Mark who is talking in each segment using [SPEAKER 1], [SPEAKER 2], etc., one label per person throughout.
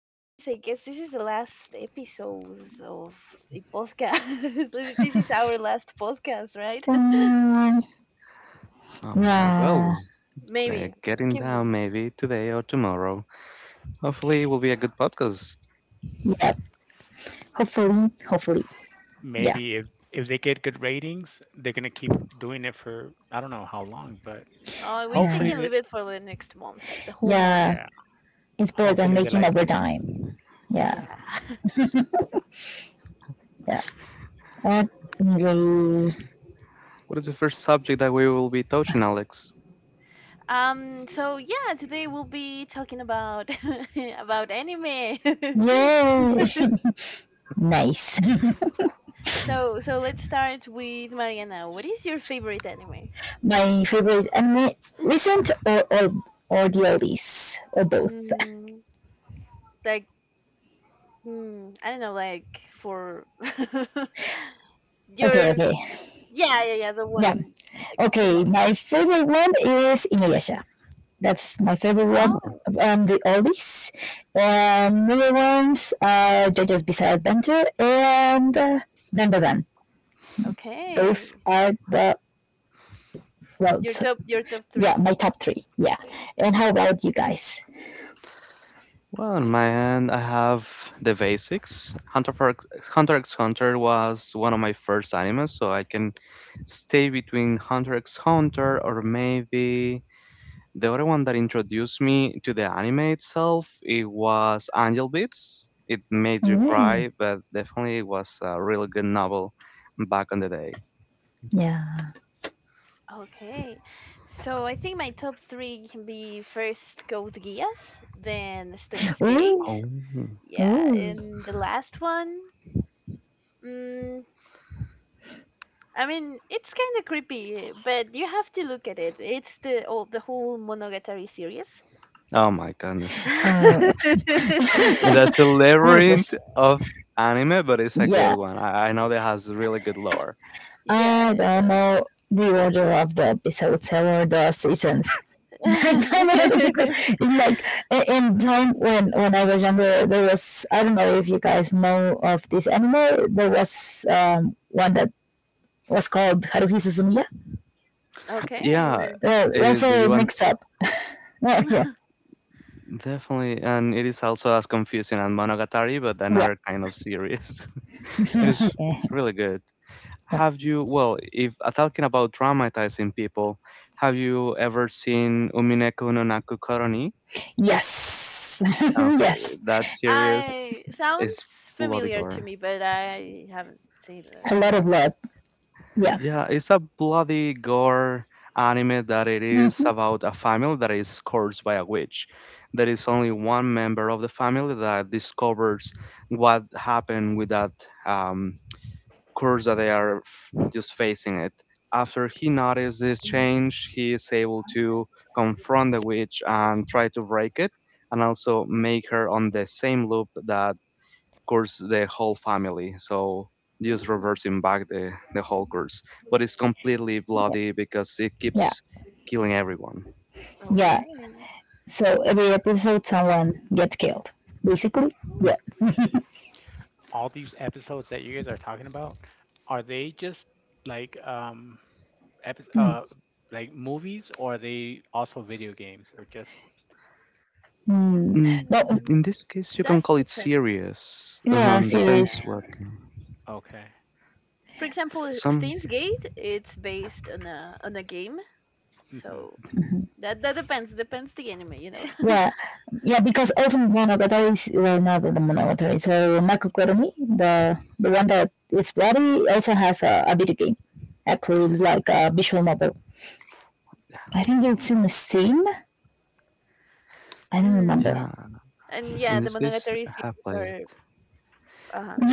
[SPEAKER 1] This is, I guess, this is the last episode of the podcast. This is our last podcast, right?
[SPEAKER 2] Oh my
[SPEAKER 1] Ah,
[SPEAKER 2] god. Well, we're
[SPEAKER 1] maybe.
[SPEAKER 2] getting
[SPEAKER 1] Give
[SPEAKER 2] down
[SPEAKER 1] me.
[SPEAKER 2] maybe today or tomorrow. Hopefully, it will be a good podcast.
[SPEAKER 3] Maybe if they get good ratings, they're gonna keep doing it for I don't know how long, but
[SPEAKER 1] Oh, I wish they
[SPEAKER 3] hopefully,
[SPEAKER 1] can leave it for the next month, like the whole month.
[SPEAKER 3] yeah, hopefully they like it.
[SPEAKER 1] Yeah.
[SPEAKER 2] What is the first subject that we will be touching, Alex?
[SPEAKER 1] So yeah, today we'll be talking about about anime. So let's start with Mariana. What is your favorite anime? Mm, like Hmm. I don't know, like for your yeah, yeah, yeah, the one like the most.
[SPEAKER 2] Oh,
[SPEAKER 1] Oh, okay. Your top three.
[SPEAKER 2] well, on
[SPEAKER 1] Mm,
[SPEAKER 2] my end, I have the basics. Hunter x Hunter was one of my first animes, so I can stay between Hunter x Hunter or maybe the other one that introduced me to the anime itself, it was Angel Beats. It made you
[SPEAKER 1] okay,
[SPEAKER 2] cry, but definitely it was a really good novel back on the day.
[SPEAKER 1] okay. So I think my top three can be first Code Geass, then Steins Gate.
[SPEAKER 2] Oh,
[SPEAKER 1] Yeah, and the last one. Mm, I mean, it's kind of creepy, but you have to look at it. It's the all the whole Monogatari series.
[SPEAKER 2] oh my goodness. That's a labyrinth of anime, but it's a good one. I know that has really good lore.
[SPEAKER 1] Yeah, it does.
[SPEAKER 2] Yeah,
[SPEAKER 1] Okay.
[SPEAKER 2] is that you want definitely, and it is also as confusing as Monogatari, but another kind of series. It is
[SPEAKER 1] Yeah.
[SPEAKER 2] really good. Have you, well, if talking about traumatizing people, have you ever seen Umineko no Naku Koroni? Okay, that series
[SPEAKER 1] I sounds
[SPEAKER 2] is bloody
[SPEAKER 1] familiar to
[SPEAKER 2] gore.
[SPEAKER 1] me, but I haven't seen it.
[SPEAKER 2] Yeah, it's a bloody gore anime that it is about a family that is cursed by a witch. There is only one member of the family that discovers what happened with that um, curse that they are just facing it. After he notices this change, he is able to confront the witch and try to break it, and also make her on the same loop that cursed the whole family. So just
[SPEAKER 1] Mm,
[SPEAKER 2] reversing back the whole curse. But it's completely bloody because it keeps killing everyone.
[SPEAKER 1] okay.
[SPEAKER 3] All these episodes that you guys are talking about, are they just like um, epi- uh, like movies, or are they also video games or just
[SPEAKER 2] Mm,
[SPEAKER 1] Mm,
[SPEAKER 2] In this case, you can
[SPEAKER 1] that
[SPEAKER 2] call it
[SPEAKER 1] depends.
[SPEAKER 2] serious.
[SPEAKER 3] series?
[SPEAKER 1] Yeah.
[SPEAKER 2] Depends what.
[SPEAKER 3] Okay.
[SPEAKER 1] For example,
[SPEAKER 2] Some,
[SPEAKER 1] Steins Gate, it's based on a game,
[SPEAKER 3] hmm
[SPEAKER 1] so that depends depends the anime, you know.
[SPEAKER 3] Oh
[SPEAKER 1] Mm.
[SPEAKER 2] yeah.
[SPEAKER 1] And
[SPEAKER 2] In
[SPEAKER 1] yeah, the
[SPEAKER 2] this case,
[SPEAKER 1] Monogatari
[SPEAKER 2] I have
[SPEAKER 1] series
[SPEAKER 2] played.
[SPEAKER 1] are uh-huh.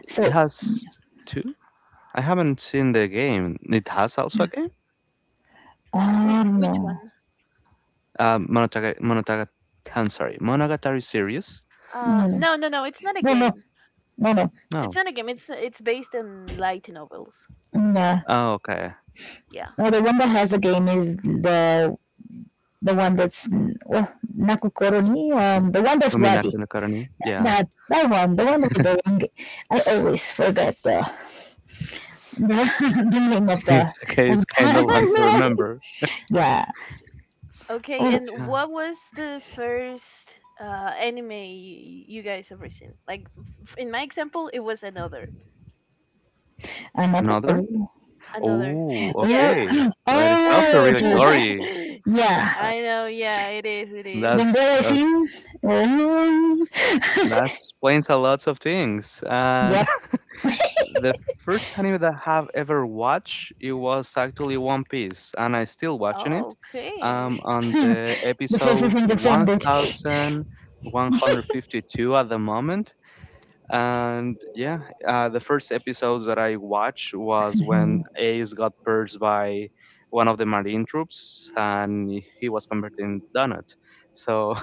[SPEAKER 2] It has two? I haven't seen the game. It has also a game?
[SPEAKER 1] Which one?
[SPEAKER 2] Uh, Monotaga, Monotaga, I'm sorry, Monogatari series?
[SPEAKER 1] No. It's not a game. It's
[SPEAKER 2] No.
[SPEAKER 1] not a game. It's based on light novels.
[SPEAKER 2] Oh, okay.
[SPEAKER 1] Yeah.
[SPEAKER 2] I see. Uminaka no Karani? Yeah. It's okay. It's kind of long to remember.
[SPEAKER 1] Okay. And
[SPEAKER 2] Yeah.
[SPEAKER 1] what was the first anime you guys ever seen? Like in my example, it was another,
[SPEAKER 2] Another?
[SPEAKER 1] another.
[SPEAKER 2] Oh,
[SPEAKER 1] Yeah.
[SPEAKER 2] okay. That is also really gory. Uh,
[SPEAKER 1] I know. Yeah. It is. It is.
[SPEAKER 2] That's uh, that explains a lot of things. And the first anime that I have ever watched, it was actually One Piece, and I'm still watching it.
[SPEAKER 1] Okay.
[SPEAKER 2] On the episode 1152 at the moment. And yeah, the first episode that I watched was when Ace got purged by one of the Marine troops and he was converted in Donut. So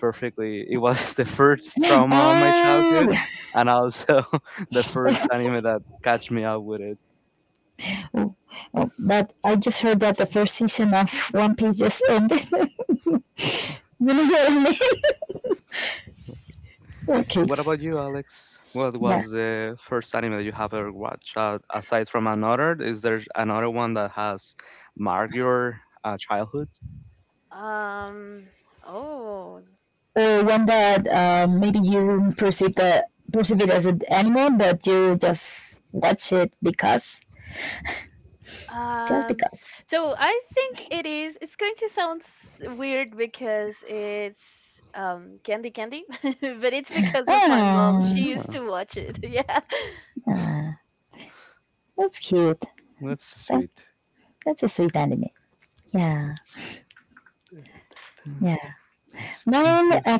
[SPEAKER 2] perfectly. It was the first trauma of my childhood, and also the first anime that catch me up with it. What about you, Alex? What was the first anime that you have ever watched? Aside from another, is there another one that has marked your childhood?
[SPEAKER 1] Um. Oh. Um, so I think it is. It's going to sound weird because it's Candy Candy, but it's because of my mom. She used
[SPEAKER 2] Oh,
[SPEAKER 1] to watch it. Yeah,
[SPEAKER 2] that's sweet. This case is.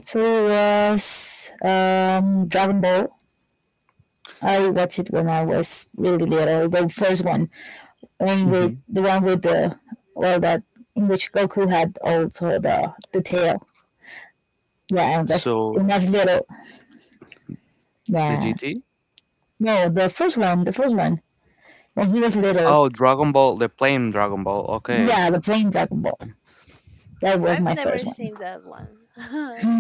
[SPEAKER 2] hmm So the GT? Oh, Dragon Ball, the plain Dragon Ball. Okay.
[SPEAKER 1] I've never seen that one.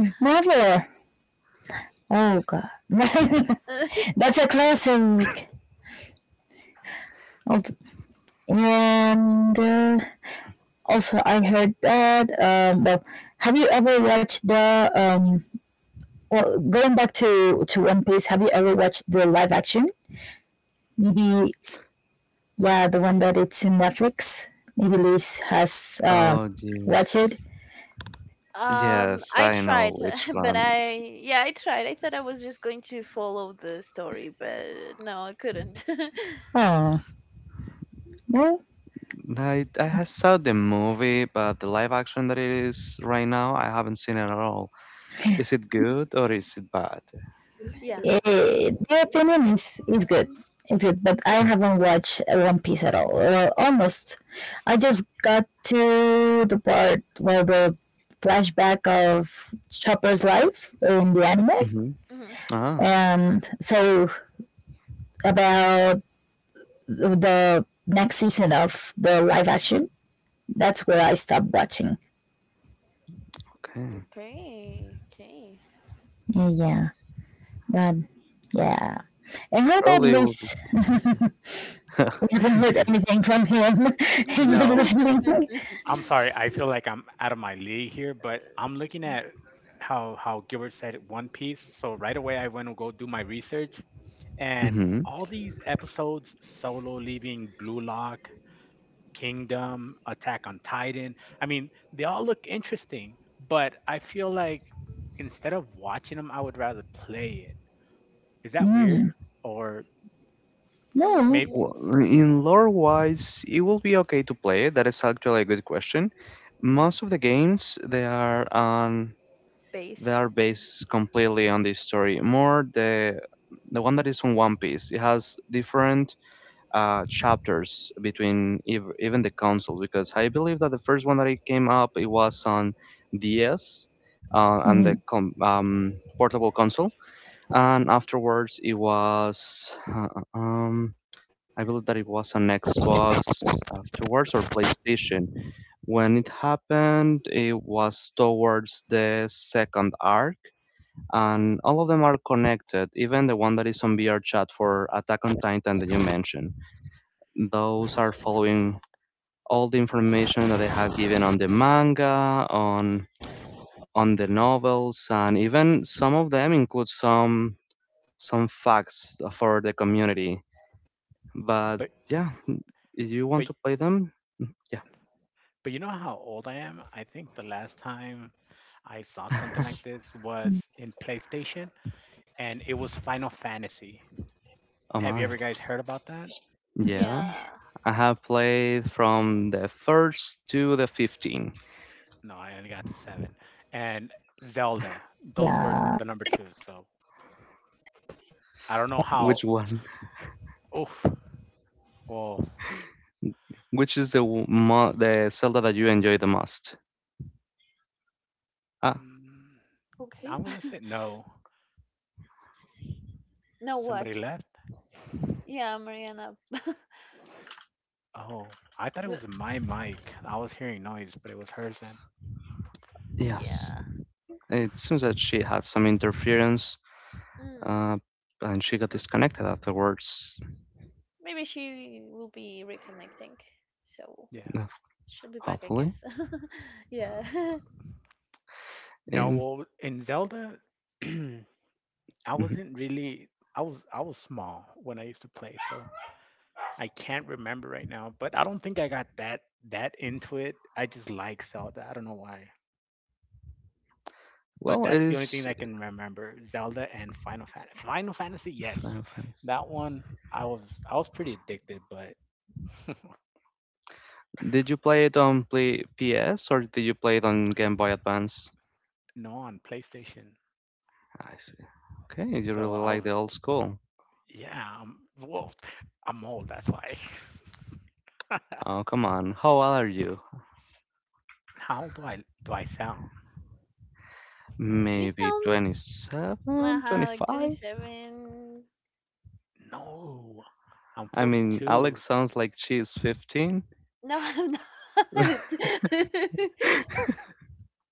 [SPEAKER 2] Oh, yes. Yes,
[SPEAKER 1] I
[SPEAKER 2] I know
[SPEAKER 1] tried,
[SPEAKER 2] which
[SPEAKER 1] but
[SPEAKER 2] one.
[SPEAKER 1] I yeah, I tried. I thought I was just going to follow the story, but no, I couldn't.
[SPEAKER 2] I have saw the movie, but the live action that it is right now, I haven't seen it at all. Is it good or is it bad?
[SPEAKER 1] yeah. um,
[SPEAKER 2] Mm-hmm.
[SPEAKER 1] Mm-hmm.
[SPEAKER 2] Ah, okay.
[SPEAKER 1] Okay. Okay.
[SPEAKER 2] Probably will be. Yes.
[SPEAKER 3] no, I'm sorry. I feel like I'm out of my league here, but I'm looking at how Gilbert said One Piece. So right away, I went to go do my research, and
[SPEAKER 2] Mm-hmm.
[SPEAKER 3] all these episodes: Solo leaving Blue Lock, Kingdom, Attack on Titan. I mean, they all look interesting, but I feel like instead of watching them, I would rather play it. Is that weird? Or maybe,
[SPEAKER 2] Well,
[SPEAKER 1] mm,
[SPEAKER 2] in lore wise, it will be okay to play it. That is actually a good question.
[SPEAKER 3] hmm
[SPEAKER 2] Most of the games they
[SPEAKER 1] based.
[SPEAKER 2] are based completely on the story. More the one that is on One Piece. It has different chapters between even the consoles because I believe that the first one that it came up it was on DS and the portable console, and afterwards it was um, I believe that it was on Xbox afterwards or PlayStation. When it happened, it was towards the second arc, and all of them are connected, even the one that is on VR chat for Attack on Titan that you mentioned those are following all the information that they have given on the manga, on the novels, and even some of them include some facts for the community. But
[SPEAKER 3] but
[SPEAKER 2] yeah, if you want
[SPEAKER 3] but
[SPEAKER 2] to play them, yeah.
[SPEAKER 3] but you know how old I am? I think the last time I saw something like this was in PlayStation, and it was Final Fantasy.
[SPEAKER 2] Oh
[SPEAKER 3] Have you ever
[SPEAKER 2] my.
[SPEAKER 3] guys heard about that?
[SPEAKER 2] Yeah.
[SPEAKER 1] Yeah.
[SPEAKER 2] I have played from the first to the 15.
[SPEAKER 3] No, I only got to seven. And Zelda. Those were the number two. So I don't know how.
[SPEAKER 2] Which one?
[SPEAKER 3] Oof. Well,
[SPEAKER 2] Which is the Zelda that you enjoy the most? Ah,
[SPEAKER 1] Okay.
[SPEAKER 3] I'm gonna say no.
[SPEAKER 1] Now
[SPEAKER 3] Somebody
[SPEAKER 1] what?
[SPEAKER 3] left.
[SPEAKER 1] Yeah, Mariana. But-
[SPEAKER 3] Oh, I thought it was my mic. I was hearing noise, but it was hers then.
[SPEAKER 2] yes.
[SPEAKER 1] Yeah.
[SPEAKER 2] It seems that she had some interference,
[SPEAKER 1] Mm.
[SPEAKER 2] uh, and she got
[SPEAKER 1] M-
[SPEAKER 2] disconnected afterwards,
[SPEAKER 1] Maybe she will be reconnecting, so
[SPEAKER 3] Yeah.
[SPEAKER 2] uh,
[SPEAKER 1] she'll be back, I
[SPEAKER 2] hopefully.
[SPEAKER 1] guess. Yeah.
[SPEAKER 3] No,
[SPEAKER 2] And
[SPEAKER 3] well, in Zelda, I
[SPEAKER 2] mhm.
[SPEAKER 3] wasn't really. I was small when I used to play, so I can't remember right now. But I don't think I got that into it. I just like Zelda. I don't know why, but
[SPEAKER 2] well, it
[SPEAKER 3] that's the only thing
[SPEAKER 2] is
[SPEAKER 3] I can remember. Zelda and Final Fantasy. Final Fantasy, yes,
[SPEAKER 2] Final Fantasy.
[SPEAKER 3] that one I was pretty addicted, but
[SPEAKER 2] Did you play it on play PS or did you play it on Game Boy Advance?
[SPEAKER 3] no, on PlayStation.
[SPEAKER 2] I see. Okay, you
[SPEAKER 3] So
[SPEAKER 2] really
[SPEAKER 3] I
[SPEAKER 2] like the
[SPEAKER 3] was
[SPEAKER 2] old school.
[SPEAKER 3] Yeah, I'm old. That's why.
[SPEAKER 2] Oh, come on. How old are you?
[SPEAKER 3] How old do I sound?
[SPEAKER 1] You
[SPEAKER 2] Maybe
[SPEAKER 1] sound
[SPEAKER 2] 27,
[SPEAKER 1] like
[SPEAKER 2] 25?
[SPEAKER 1] 27.
[SPEAKER 3] No, I'm
[SPEAKER 2] I mean, Alex
[SPEAKER 3] 42.
[SPEAKER 2] sounds like she's 15,
[SPEAKER 1] No, I'm not.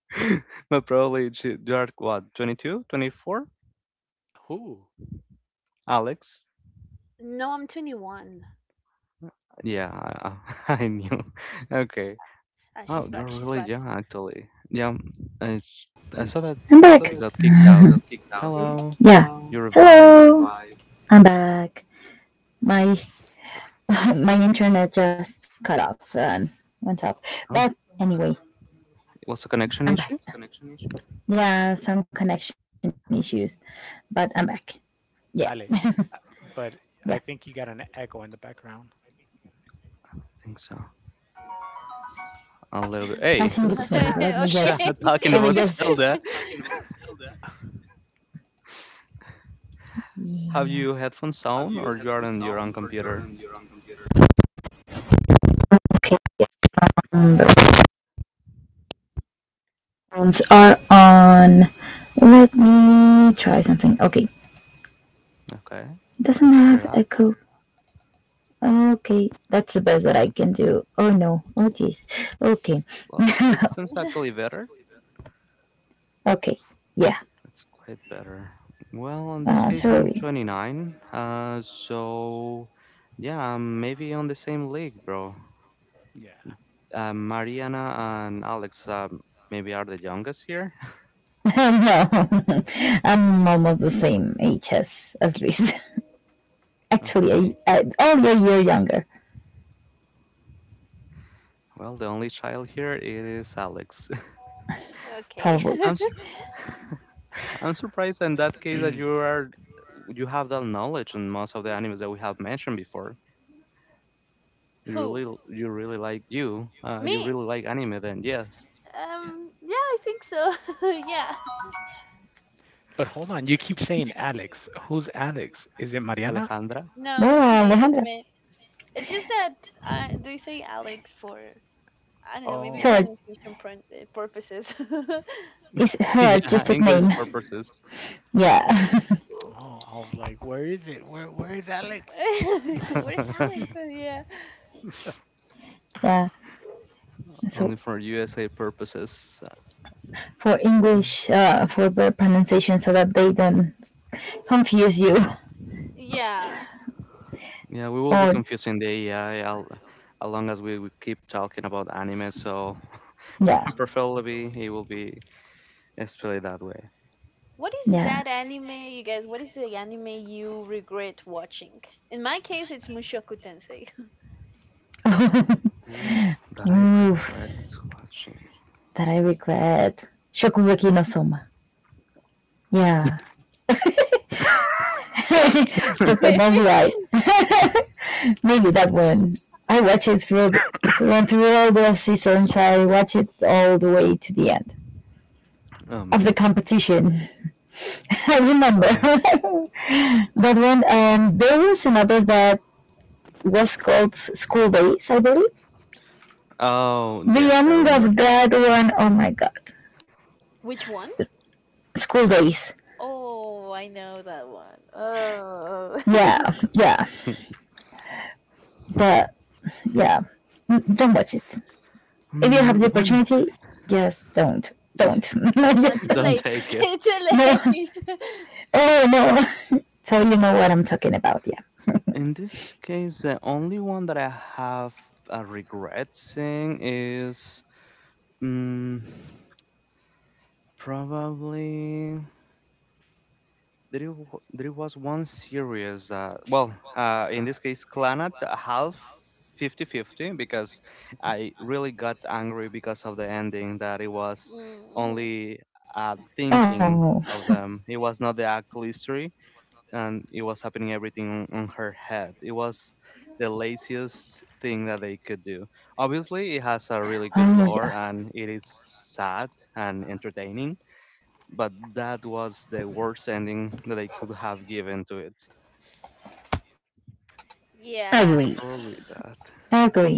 [SPEAKER 2] but probably you are what, 22, 24?
[SPEAKER 3] Who?
[SPEAKER 2] Alex?
[SPEAKER 1] No, I'm 21.
[SPEAKER 2] Yeah, I I knew. Okay.
[SPEAKER 1] Ah,
[SPEAKER 2] Oh,
[SPEAKER 1] she's
[SPEAKER 2] you're
[SPEAKER 1] back. She's
[SPEAKER 2] really
[SPEAKER 1] back.
[SPEAKER 2] young, actually. Yeah, I, I saw that she got kicked out. Hello, you revived her. Oh, it was a connection issue?
[SPEAKER 3] Ale. Uh, But I think you got an echo in the background.
[SPEAKER 2] I think so. A little bit. Hey, who's Shut
[SPEAKER 1] Okay.
[SPEAKER 2] talking about Zelda? Have you headphones on, or you are on your own computer? Okay, let's hear it out. Well, it sounds actually better. That's quite better. Well, in this case, I'm 29. So yeah, I'm maybe on the same league, bro.
[SPEAKER 3] Yeah.
[SPEAKER 2] Mariana and Alex maybe are the youngest here. Okay. Well, the only child here is Alex.
[SPEAKER 1] Okay.
[SPEAKER 2] I'm sur I'm surprised in that case that you have that knowledge in most of the animes that we have mentioned before. You
[SPEAKER 1] Who?
[SPEAKER 2] really you really like you. You
[SPEAKER 1] Me?
[SPEAKER 2] really like anime then, yes.
[SPEAKER 1] Yeah, I think so. yeah.
[SPEAKER 3] But hold on, you keep saying Alex. Who's Alex? Is it Mariana?
[SPEAKER 2] Alejandra.
[SPEAKER 1] No, it's me. It's me. It's just that I, they say Alex for, I don't know, maybe
[SPEAKER 3] Oh,
[SPEAKER 1] purposes.
[SPEAKER 2] Yeah, English purposes.
[SPEAKER 3] oh, I was like, where is it? Where is Alex?
[SPEAKER 1] Where's Alex? Yeah.
[SPEAKER 2] Only for USA purposes.
[SPEAKER 1] yeah.
[SPEAKER 2] Yeah, we will be confusing the AI al along as we keep talking about anime, so
[SPEAKER 1] Mm.
[SPEAKER 2] preferably it will be displayed that way.
[SPEAKER 1] What is that anime, you guys? What is the anime you regret watching? In my case, it's Mushoku Tensei.
[SPEAKER 2] Ooh, that I regret watching.
[SPEAKER 1] okay.
[SPEAKER 2] Oh my. Uh, oh, yes, I remembered.
[SPEAKER 1] Which one? Oh, I know that one. Oh.
[SPEAKER 2] Hmm, one.
[SPEAKER 1] Too
[SPEAKER 2] Don't
[SPEAKER 1] late.
[SPEAKER 2] take it.
[SPEAKER 1] too late.
[SPEAKER 2] In this case, the only one that I have a regret seeing is Mm, probably there was one series that, well, in this case Clannad half 50-50, because I really got angry because of the ending that it was
[SPEAKER 1] mm-hmm.
[SPEAKER 2] only thinking of them. It was not the actual history and it was happening everything on her head. It was the laziest thing that they could do. Obviously it has a really good lore and it is sad and entertaining, but that was the worst ending that I could have given to it.
[SPEAKER 1] Yeah.
[SPEAKER 2] So probably that.
[SPEAKER 1] Mhm.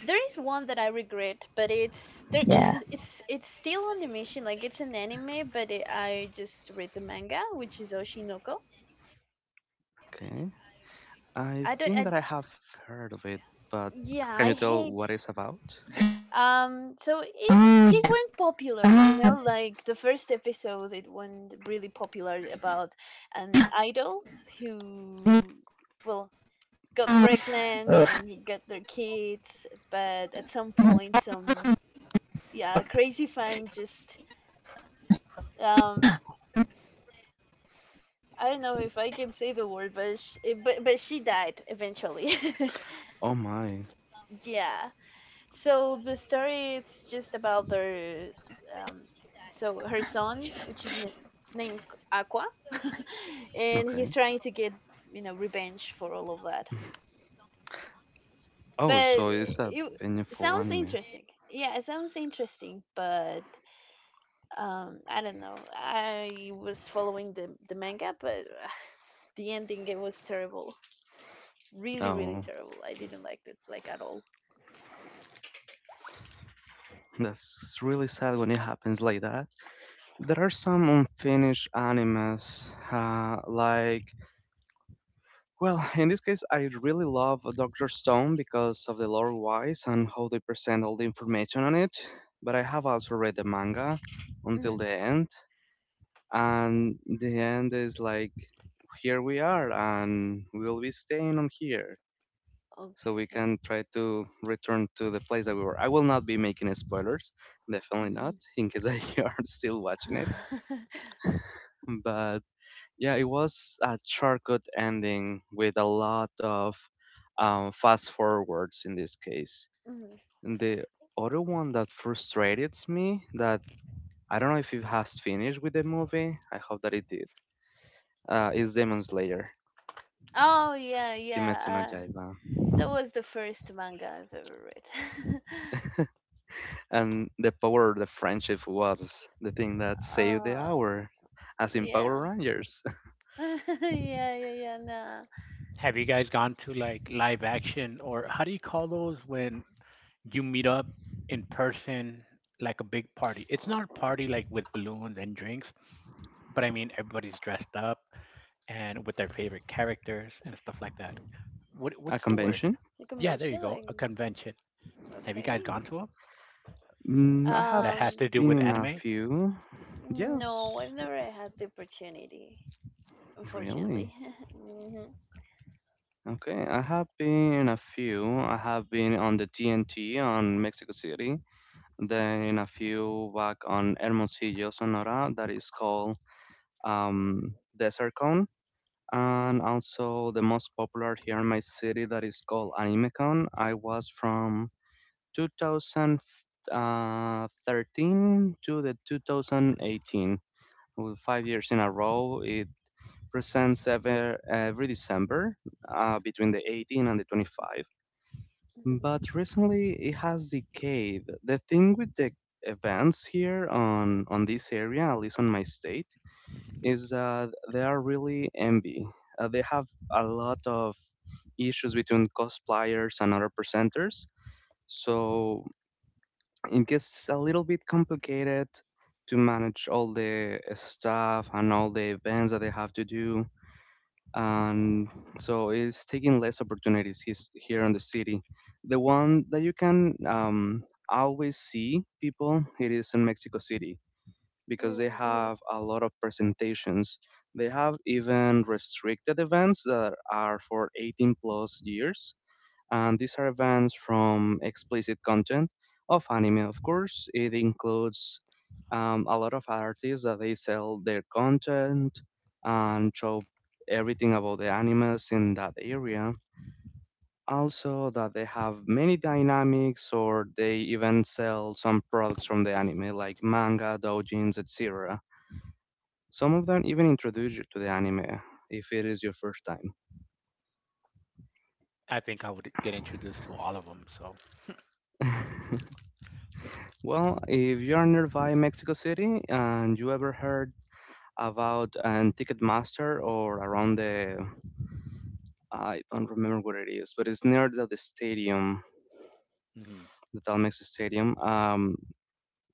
[SPEAKER 1] There is one that I regret, but it's there. It's still on the mission. Like it's an anime, but it, I just read the manga, which is Oshinoko.
[SPEAKER 2] Okay. I
[SPEAKER 1] I don't.
[SPEAKER 2] think
[SPEAKER 1] I
[SPEAKER 2] that I have heard of it, but
[SPEAKER 1] yeah.
[SPEAKER 2] can
[SPEAKER 1] I
[SPEAKER 2] you tell
[SPEAKER 1] hate.
[SPEAKER 2] what it's about?
[SPEAKER 1] So it went popular. You know, like the first episode, it went really popular about an idol who. Well, got pregnant and got their kids, but at some point, some yeah, crazy fan just um I don't know if I can say the word, but but she died eventually.
[SPEAKER 2] Oh my.
[SPEAKER 1] yeah. So the story it's just about their um so her son, which is his name's Aqua, and he's
[SPEAKER 2] Okay.
[SPEAKER 1] trying to get you know revenge for all of that. But
[SPEAKER 2] Oh, so it's a
[SPEAKER 1] it
[SPEAKER 2] painful
[SPEAKER 1] sounds
[SPEAKER 2] anime.
[SPEAKER 1] interesting. Yeah, it sounds interesting, but um, I don't know. I was following the manga, but the ending it was terrible. Really, really
[SPEAKER 2] Oh,
[SPEAKER 1] terrible. I didn't like it like at all.
[SPEAKER 2] that's really sad when it happens like that. There are some unfinished animes, like, well, in this case, I really love Dr. Stone because of the lore wise and how they present all the information on it. But I have also read the manga until
[SPEAKER 1] Mhm.
[SPEAKER 2] the end, and the end is like, here we are, and we'll be staying on here. So we
[SPEAKER 1] Okay.
[SPEAKER 2] can try to return to the place that we were. I will not be making spoilers, definitely not,
[SPEAKER 1] Mm.
[SPEAKER 2] in case that you are still watching it. But, yeah, it was a shortcut ending with a lot of fast forwards in this case.
[SPEAKER 1] Mhm.
[SPEAKER 2] And the other one that frustrated me, that I don't know if it has finished with the movie, I hope that it did, is Demon Slayer,
[SPEAKER 1] Oh yeah, yeah.
[SPEAKER 2] Kimetsu no Yaiba.
[SPEAKER 1] That was the first manga I've ever read.
[SPEAKER 2] And the power of the friendship was the thing that saved the
[SPEAKER 1] um,
[SPEAKER 2] hour, as in Power
[SPEAKER 1] yeah.
[SPEAKER 2] Rangers.
[SPEAKER 1] Yeah, yeah, yeah. Nah,
[SPEAKER 3] Have you guys gone to like live action, or how do you call those when you meet up in person, like a big party? It's not a party like with balloons and drinks, but I mean everybody's dressed up and with their favorite characters and stuff like that.
[SPEAKER 2] A
[SPEAKER 3] What's the word?
[SPEAKER 2] convention?
[SPEAKER 1] the
[SPEAKER 3] Yeah, there you
[SPEAKER 1] convention,
[SPEAKER 3] go.
[SPEAKER 1] like,
[SPEAKER 3] A convention. Have you guys
[SPEAKER 1] okay.
[SPEAKER 3] gone to them?
[SPEAKER 2] I have
[SPEAKER 3] That has
[SPEAKER 1] Um,
[SPEAKER 3] to do
[SPEAKER 2] been
[SPEAKER 3] with
[SPEAKER 2] in a
[SPEAKER 3] anime?
[SPEAKER 2] few. Yes,
[SPEAKER 1] no, I've never had the opportunity,
[SPEAKER 2] really.
[SPEAKER 1] unfortunately.
[SPEAKER 2] Okay, I have been in a few. I have been on the TNT on Mexico City, then in a few back on Hermosillo, Sonora, that is called Desert Con, and
[SPEAKER 1] Mhm.
[SPEAKER 2] also the most popular here in my city that is called AnimeCon. I was from 2013 to the 2018, with 5 years in a row. It presents every December between the 18 and the 25.
[SPEAKER 1] Mm,
[SPEAKER 2] But recently it has decayed. The thing with the events here on this area, at least on my state, is that they are really envy. They have a lot of issues between cosplayers and other presenters, so it gets a little bit complicated to manage all the stuff and all the events that they have to do and so it's taking less opportunities he's here in the city. The one that you can always see people it is in Mexico City because they
[SPEAKER 1] mhm.
[SPEAKER 2] have a lot of presentations. They have even restricted events that are for 18 plus years and these are bans from explicit content of anime, of course. It includes a lot of artists that they sell their content and show everything about the animes in that area. Also, that they have many dynamics, or they even sell some products from the anime, like manga, doujins, etc. Some of them even introduce you to the anime if it is your first
[SPEAKER 3] I think I would get introduced to all of them, so
[SPEAKER 2] time. Well, if you are nearby Mexico City and you ever heard about Ticketmaster, or around I don't remember what it is, but it's near the stadium,
[SPEAKER 3] mhm,
[SPEAKER 2] the Telmex Stadium.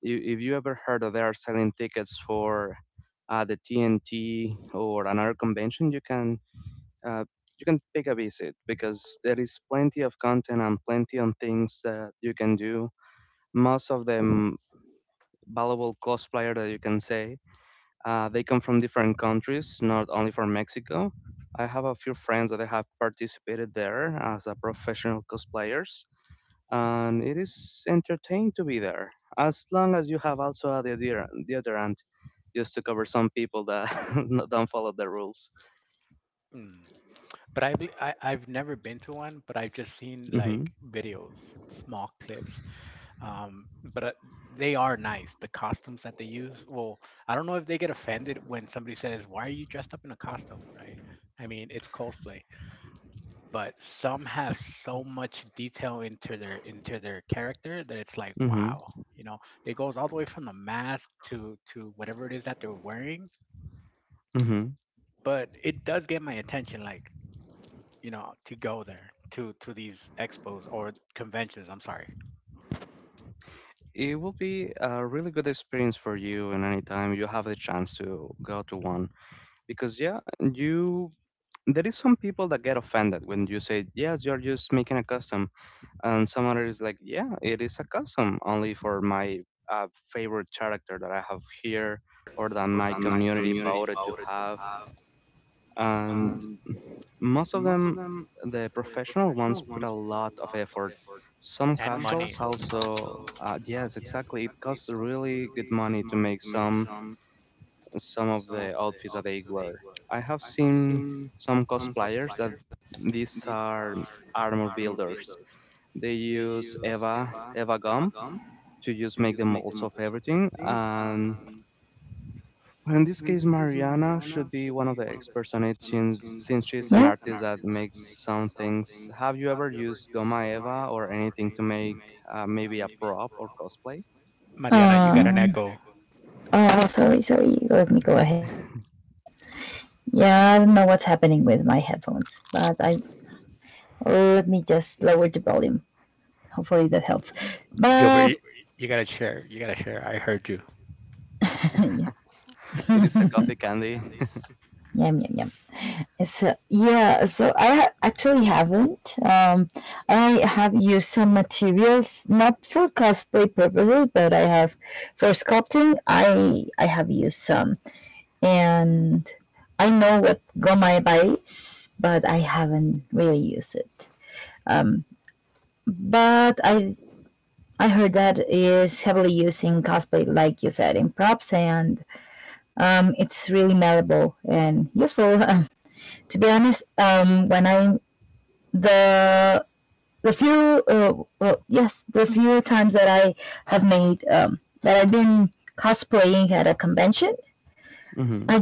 [SPEAKER 2] If you ever heard that they are selling tickets for the TNT or another convention, uh, you can take a visit because there is plenty of content and plenty of things that you can do. Most of them valuable cosplayer that you can say. They come from different countries, not only from Mexico. I have a few friends that they have participated there as a professional cosplayers, and it is entertaining to be there. As long as you have also a deodorant, just to cover some people that don't follow the rules.
[SPEAKER 3] mm But I've never been to one, but I've just seen like
[SPEAKER 2] Hmm
[SPEAKER 3] videos, small clips, um but they are nice, the costumes that they use. Well, I don't know if they get offended when somebody says, why are you dressed up in a costume? Right, I mean it's cosplay, but some have so much detail into their character that it's like,
[SPEAKER 2] hmm
[SPEAKER 3] wow, you know, it goes all the way from the mask to whatever it is that they're wearing.
[SPEAKER 2] hmm
[SPEAKER 3] But it does get my attention, like, you know, to go there to these expos or conventions, I'm sorry.
[SPEAKER 2] It will be a really good experience for you, and anytime you have the chance to go to one, because yeah, you there is some people that get offended when you say yes you're just making a custom, and some other is like yeah it is a custom only for my uh, favorite character that I have here, or that my community voted to have, and most of them the professional ones put a lot of effort, some
[SPEAKER 3] And
[SPEAKER 2] casuals
[SPEAKER 3] money.
[SPEAKER 2] also. Yes, exactly, it costs really good money to make some of the outfits that they wear. I have seen some cosplayers that these are armor builders. They use Eva gum to just make the molds of everything. And well, in this case, Mariana should be one of the experts on it, since she's an artist that makes some things. Have you ever used Goma Eva or anything to make maybe a prop or cosplay?
[SPEAKER 3] Mariana, you got an echo. Gilbert, you gotta share. You gotta share. I heard you.
[SPEAKER 2] It is a coffee candy. hmm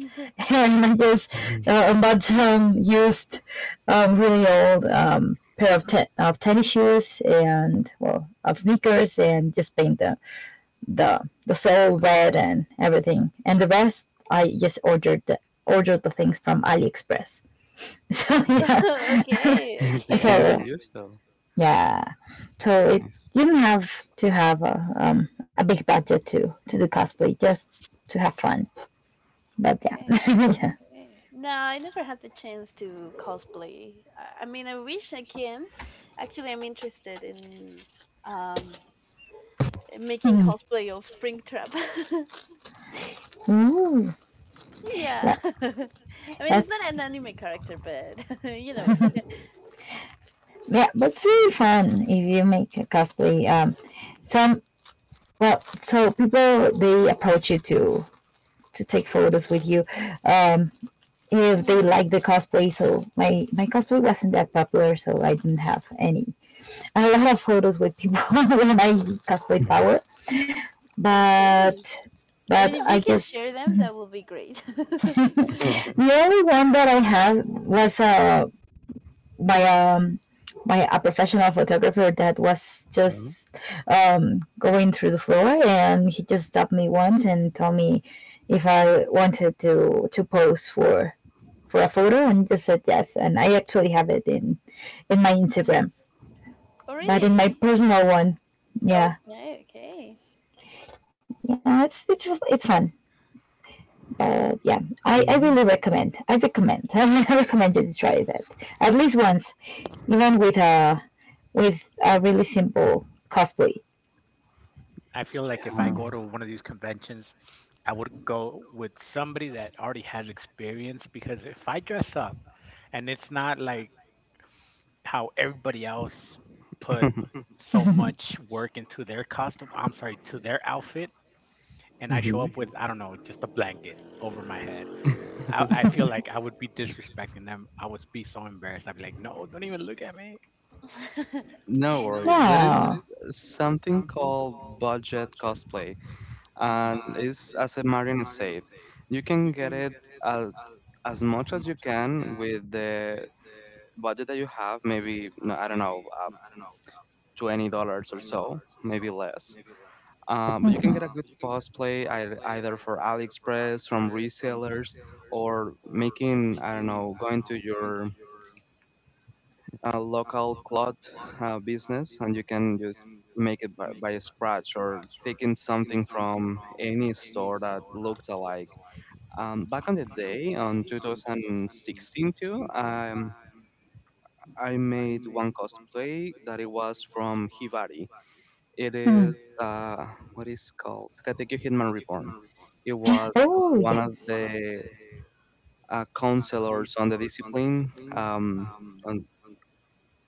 [SPEAKER 1] Mm-hmm. Okay, okay,
[SPEAKER 2] It's the kind
[SPEAKER 1] okay,
[SPEAKER 2] I use though. Nice.
[SPEAKER 1] okay. No, I never had the chance to cosplay. I mean, I wish I can. Actually, I'm interested in um making cosplay of Springtrap. Yeah. I mean, it's not an anime character, but you know. Hmm
[SPEAKER 2] Mhm.
[SPEAKER 1] Okay. I mean, if you can share them, that will be great.
[SPEAKER 2] Well,
[SPEAKER 1] Oh, really? Okay, okay.
[SPEAKER 2] it's kinda nice.
[SPEAKER 3] I feel like if I
[SPEAKER 2] Yeah.
[SPEAKER 3] go to one of these conventions, I would go with somebody that already has experience, because if I dress up and it's not like how everybody else put so much work into their costume, I'm sorry, to their outfit, and I show
[SPEAKER 2] Mhm.
[SPEAKER 3] up with, I don't know, just a blanket over my head, I feel like I would be disrespecting them. I would be so embarrassed. I'd be like, no, don't even look at me.
[SPEAKER 2] No worries. There is something called budget cosplay,
[SPEAKER 3] hmm
[SPEAKER 2] and it's as a Marina said, you can get it as as much as you can with the budget that you have, maybe, no I don't know, $20 or so, maybe less. But you can get a good cosplay ei either for AliExpress, from resellers, or making I don't know, going to your a local cloth business, and you can just make it by scratch, or taking something from any store that looks alike. Back on the day on 2016 too, I made one cosplay that it was from Hibari. It is uh, what is called Katekyo Hitman Reborn. It was one of the counselors on the discipline, on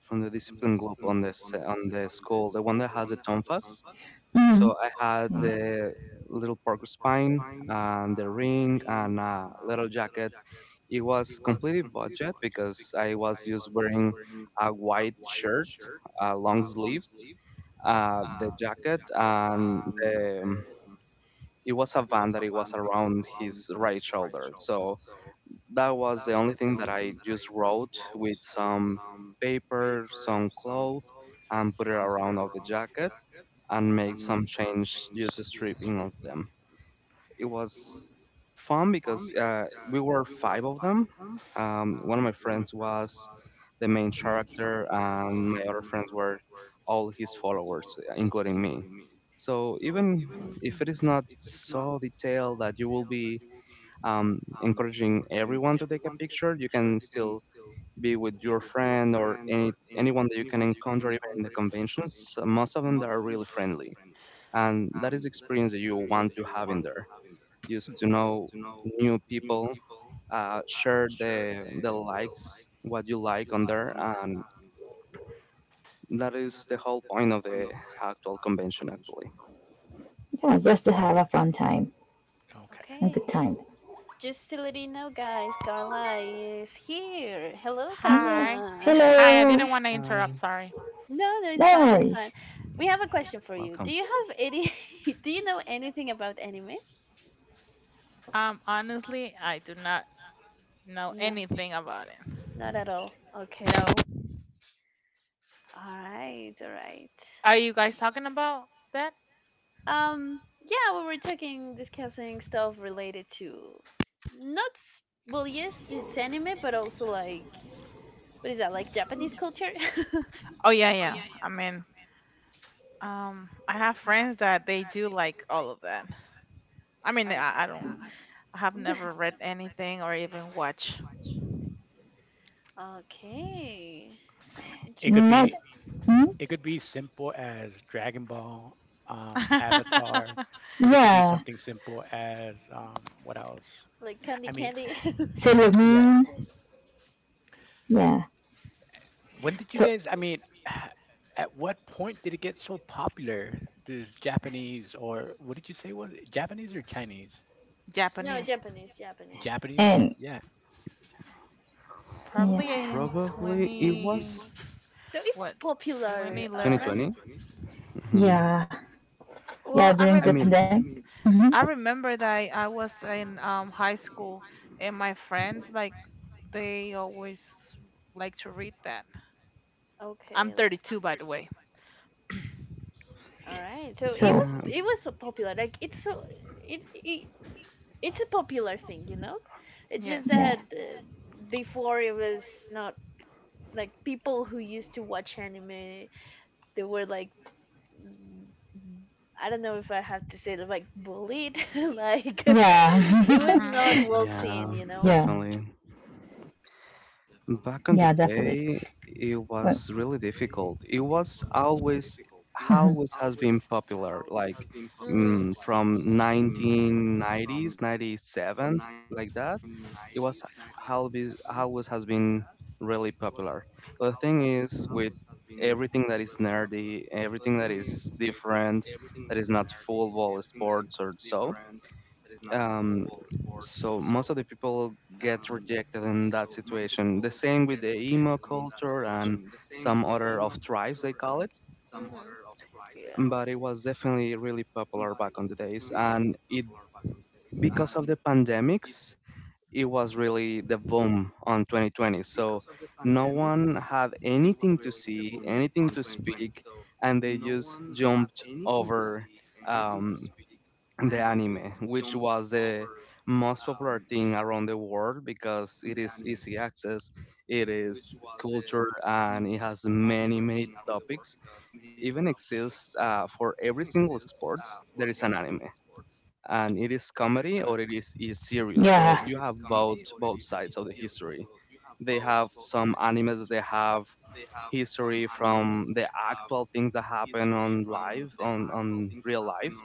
[SPEAKER 2] from the discipline group on this on the school, the one that has the tonfas. So I had the little porcupine and the ring and a little jacket. It was completely budget because I was just wearing a white shirt, long sleeves, the jacket, and it was a band that it was around his right shoulder. So that was the only thing that I just wrote with some paper, some cloth, and put it around of the jacket, and made some change just stripping of them. It was fun because we were five of them. One of my friends was the main character, and my other friends were all his followers, including me. So even if it is not so detailed that you will be encouraging everyone to take a picture. You can still be with your friend or any anyone that you can encounter even in the conventions. So, most of them they are really friendly, and that is the experience that you want to have in there. Just to know new people, share the likes, what you like on there, and that is the whole point of the actual convention. Actually,
[SPEAKER 3] Right. Okay.
[SPEAKER 1] Okay. Just to let you know, guys, Carla is here. Hello,
[SPEAKER 4] Hi.
[SPEAKER 1] Carla.
[SPEAKER 4] Hi, I didn't want to interrupt,
[SPEAKER 2] hi,
[SPEAKER 4] sorry.
[SPEAKER 1] No, no, it's fine, it's fine. We have a question for you. Do
[SPEAKER 2] welcome.
[SPEAKER 1] you have any, do you know anything about animes?
[SPEAKER 4] Honestly, I do not know
[SPEAKER 1] No,
[SPEAKER 4] anything about it.
[SPEAKER 1] not at all. Okay.
[SPEAKER 4] No.
[SPEAKER 1] All right, all right.
[SPEAKER 4] Are you guys talking about that?
[SPEAKER 1] Yeah, we were talking, discussing stuff related to not s- well, yes, it's anime, but also like what is that? Like Japanese culture?
[SPEAKER 4] Oh yeah, yeah. I have friends that they do like all of that. I mean,
[SPEAKER 1] oh,
[SPEAKER 4] I don't I have never read anything or even watch
[SPEAKER 1] okay,
[SPEAKER 3] It could
[SPEAKER 1] interesting.
[SPEAKER 3] be. It could be simple as Dragon Ball, Avatar. It could be something simple as, what else?
[SPEAKER 1] Like candy,
[SPEAKER 3] I mean,
[SPEAKER 1] candy.
[SPEAKER 3] yeah. When did you guys? I mean, at what point did it get so popular? This Japanese, or what did you say was it? Japanese or Chinese?
[SPEAKER 1] no,
[SPEAKER 4] Japanese.
[SPEAKER 1] Japanese, Japanese.
[SPEAKER 3] Japanese. Yeah.
[SPEAKER 4] Probably
[SPEAKER 1] Mm,
[SPEAKER 4] in
[SPEAKER 2] Probably it
[SPEAKER 4] 20
[SPEAKER 2] was
[SPEAKER 1] so it was
[SPEAKER 4] what?
[SPEAKER 1] popular.
[SPEAKER 2] 2020.
[SPEAKER 4] 2011?
[SPEAKER 2] Mhm.
[SPEAKER 4] Well, I
[SPEAKER 2] I
[SPEAKER 4] rem
[SPEAKER 2] mean,
[SPEAKER 4] I remember that I was in high school and my friends like they always like to read that. I'm
[SPEAKER 1] Okay,
[SPEAKER 4] 32 by the way.
[SPEAKER 1] all right. So
[SPEAKER 2] yeah,
[SPEAKER 1] it was so popular. Like it's so it, it it's a popular thing, you know. It's just
[SPEAKER 4] Yes.
[SPEAKER 1] that before it was not like people who used to watch anime, they were like, mm, I don't know if I have to say that, like bullied, like it was
[SPEAKER 4] Mhm.
[SPEAKER 1] not well
[SPEAKER 2] yeah,
[SPEAKER 1] seen, you know.
[SPEAKER 2] definitely. Back on the day, it was really difficult. It was always, always has been popular, like
[SPEAKER 1] Mhm,
[SPEAKER 2] from 1990s, 97, like that. It was always, always has been really popular. But the thing is, with everything that is nerdy, everything that is different, that is not football, sports, or so. Um, so most of the people get rejected in that situation. The same with the emo culture and some other of tribes they call it,
[SPEAKER 1] mhm, yeah,
[SPEAKER 2] but it was definitely really popular back on the days. And it because of the pandemics, it was really the boom on 2020. So no one had anything to see, anything to speak, and they just jumped over. Um, the anime, which was the most popular thing around the world because it is easy access, it is culture, and it has many, many topics. Even exists for every single sports, there is an anime. And it is comedy or is serious. So you have both sides of the history. They have some animes they have history from the actual things that happen on live on real life,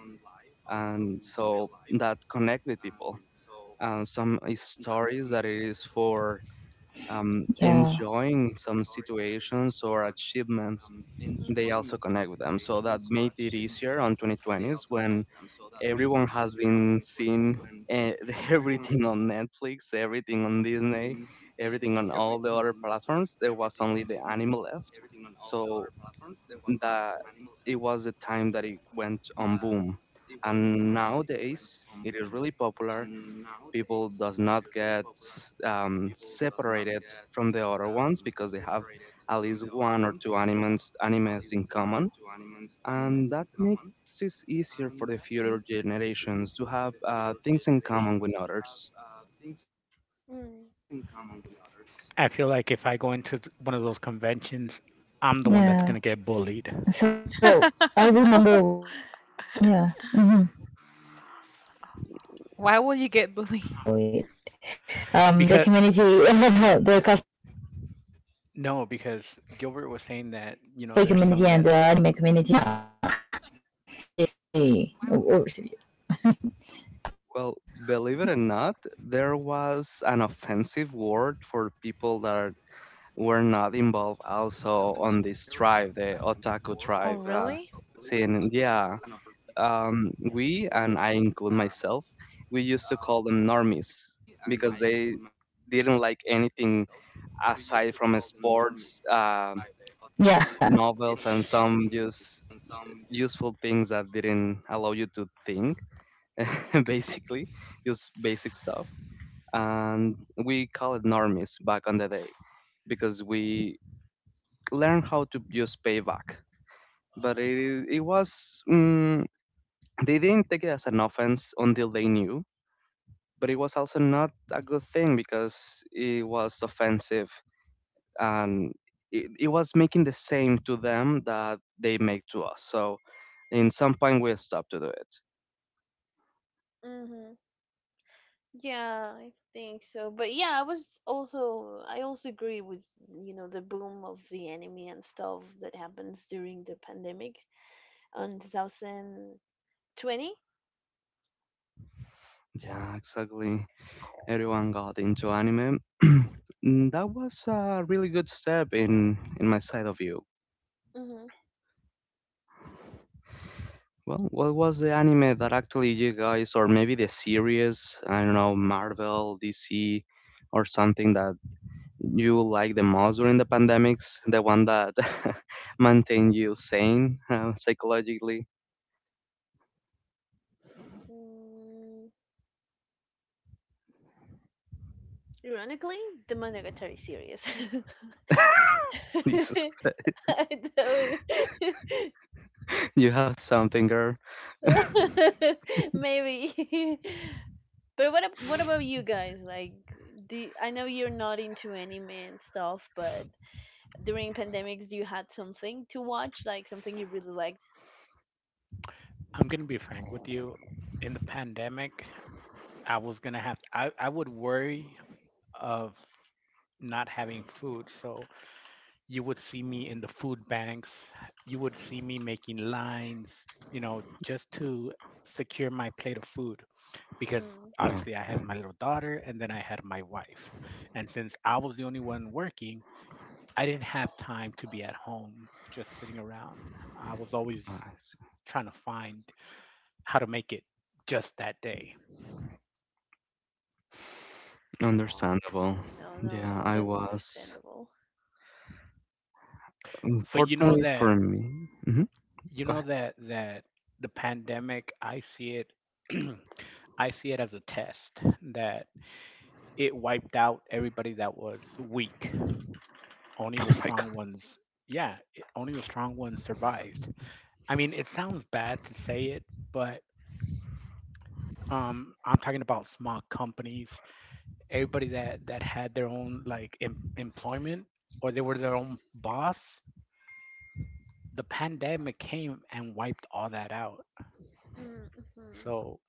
[SPEAKER 2] and so that connect with people, and some is stories that it is for enjoying some situations or achievements, they
[SPEAKER 1] mhm,
[SPEAKER 2] also connect with them, so that made it easier on 2020s when everyone has been seeing eh, everything on Netflix, everything on Disney, everything on all the other platforms, there was only the anime left. So that it was the time that it went on boom, and nowadays it is really popular. People does not get separated from the other ones because they have at least one or two animes in common, and that makes it easier for the future generations to have things in common with others.
[SPEAKER 1] mm.
[SPEAKER 3] I feel like if I go into one of those conventions, I'm the one that's gonna get bullied,
[SPEAKER 4] Why will you get bullied?
[SPEAKER 3] because no, because Gilbert was saying that, you know, there's some that
[SPEAKER 2] Well, believe it or not, there was an offensive word for people that were not involved also on this tribe, the otaku
[SPEAKER 4] Oh
[SPEAKER 2] tribe,
[SPEAKER 4] really?
[SPEAKER 2] scene. Yeah, we, and I include myself, we used to call them normies because they didn't like anything aside from sports, novels, and some just useful things that didn't allow you to think. Basically, just basic stuff, and we call it normies back on the day because we learn how to use payback. But it was they didn't take it as an offense until they knew. But it was also not a good thing because it was offensive, and it was making the same to them that they make to us. So in some point we stopped to do it.
[SPEAKER 1] mhm, yeah, I think so. But yeah, I was also I also agree with you know the boom of the anime and stuff that happens during the pandemic on 2020.
[SPEAKER 2] Yeah, exactly. Everyone got into anime. Mm, that was a really good step in my side of view.
[SPEAKER 1] Mm-hmm.
[SPEAKER 2] Well, what was the anime that actually you guys, or maybe the series, I don't know, Marvel, DC, or something that you like the most during the pandemics? The one that maintained you sane psychologically?
[SPEAKER 1] Mm, ironically, the Monogatari series.
[SPEAKER 2] Jesus Christ.
[SPEAKER 1] I know.
[SPEAKER 2] You have something, girl.
[SPEAKER 1] Maybe. But what about you guys? Like, I know you're not into anime and stuff, but during pandemics you had something to watch like something you really liked.
[SPEAKER 3] I'm gonna be frank with you. In the pandemic, I was gonna have I would worry of not having food. So you would see me in the food banks, you would see me making lines, you know, just to secure my plate of food, because
[SPEAKER 1] Mm.
[SPEAKER 3] obviously I have
[SPEAKER 2] Okay,
[SPEAKER 3] my little daughter, and then I had my wife. And since I was the only one working, I didn't have time to be at home just sitting around. I was always
[SPEAKER 2] nice.
[SPEAKER 3] trying to find how to make it just that day.
[SPEAKER 2] Understandable.
[SPEAKER 1] Okay, no, no,
[SPEAKER 2] Yeah, I
[SPEAKER 1] completely
[SPEAKER 2] was.
[SPEAKER 1] understandable.
[SPEAKER 3] But
[SPEAKER 2] Fortunately for me, mhm.
[SPEAKER 3] you
[SPEAKER 2] Go
[SPEAKER 3] know
[SPEAKER 2] ahead.
[SPEAKER 3] that the pandemic, I see it I see it as a test that it wiped out everybody that was weak. Only
[SPEAKER 2] Oh
[SPEAKER 3] the
[SPEAKER 2] my God.
[SPEAKER 3] strong ones, Only the strong ones survived. I mean, it sounds bad to say it, but, I'm talking about small companies, everybody that had their own, like, employment, or they were their own boss. The pandemic came and wiped all that out.
[SPEAKER 1] Mm-hmm.
[SPEAKER 3] So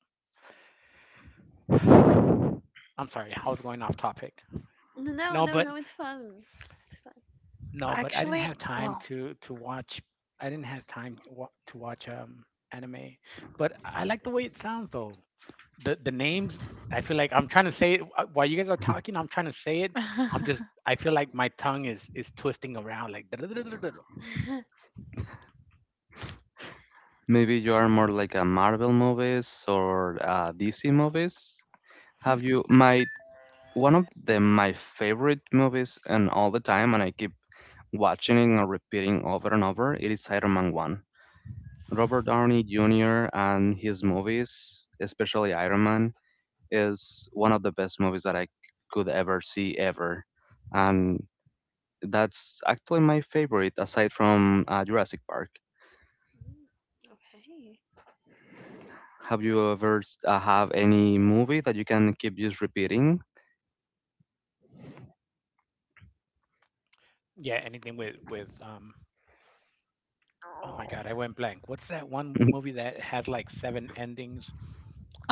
[SPEAKER 3] I'm sorry, I was going off topic.
[SPEAKER 1] No,
[SPEAKER 3] No,
[SPEAKER 1] no,
[SPEAKER 3] but
[SPEAKER 1] no, it's fun. It's fun.
[SPEAKER 3] no, but I didn't
[SPEAKER 4] Actually,
[SPEAKER 3] have time
[SPEAKER 4] well.
[SPEAKER 3] to watch. I didn't have time to to watch, um, anime. But I like the way it sounds, though. The names. I feel like I'm trying to say it, while you guys are talking. I'm trying to say it. I'm just. I feel like my tongue is twisting around, like.
[SPEAKER 2] Maybe you are more like a Marvel movies or DC movies. Have you my one of the my favorite movies and all the time, and I keep watching it and repeating over and over. It is Iron Man One. Robert Downey Jr. and his movies, especially Iron Man, is one of the best movies that I could ever see ever, and that's actually my favorite aside from Jurassic Park.
[SPEAKER 1] Mm, okay.
[SPEAKER 2] Have you ever have any movie that you can keep just repeating?
[SPEAKER 3] Yeah, anything with um. Oh my god, I went blank. What's that one movie that has like seven endings?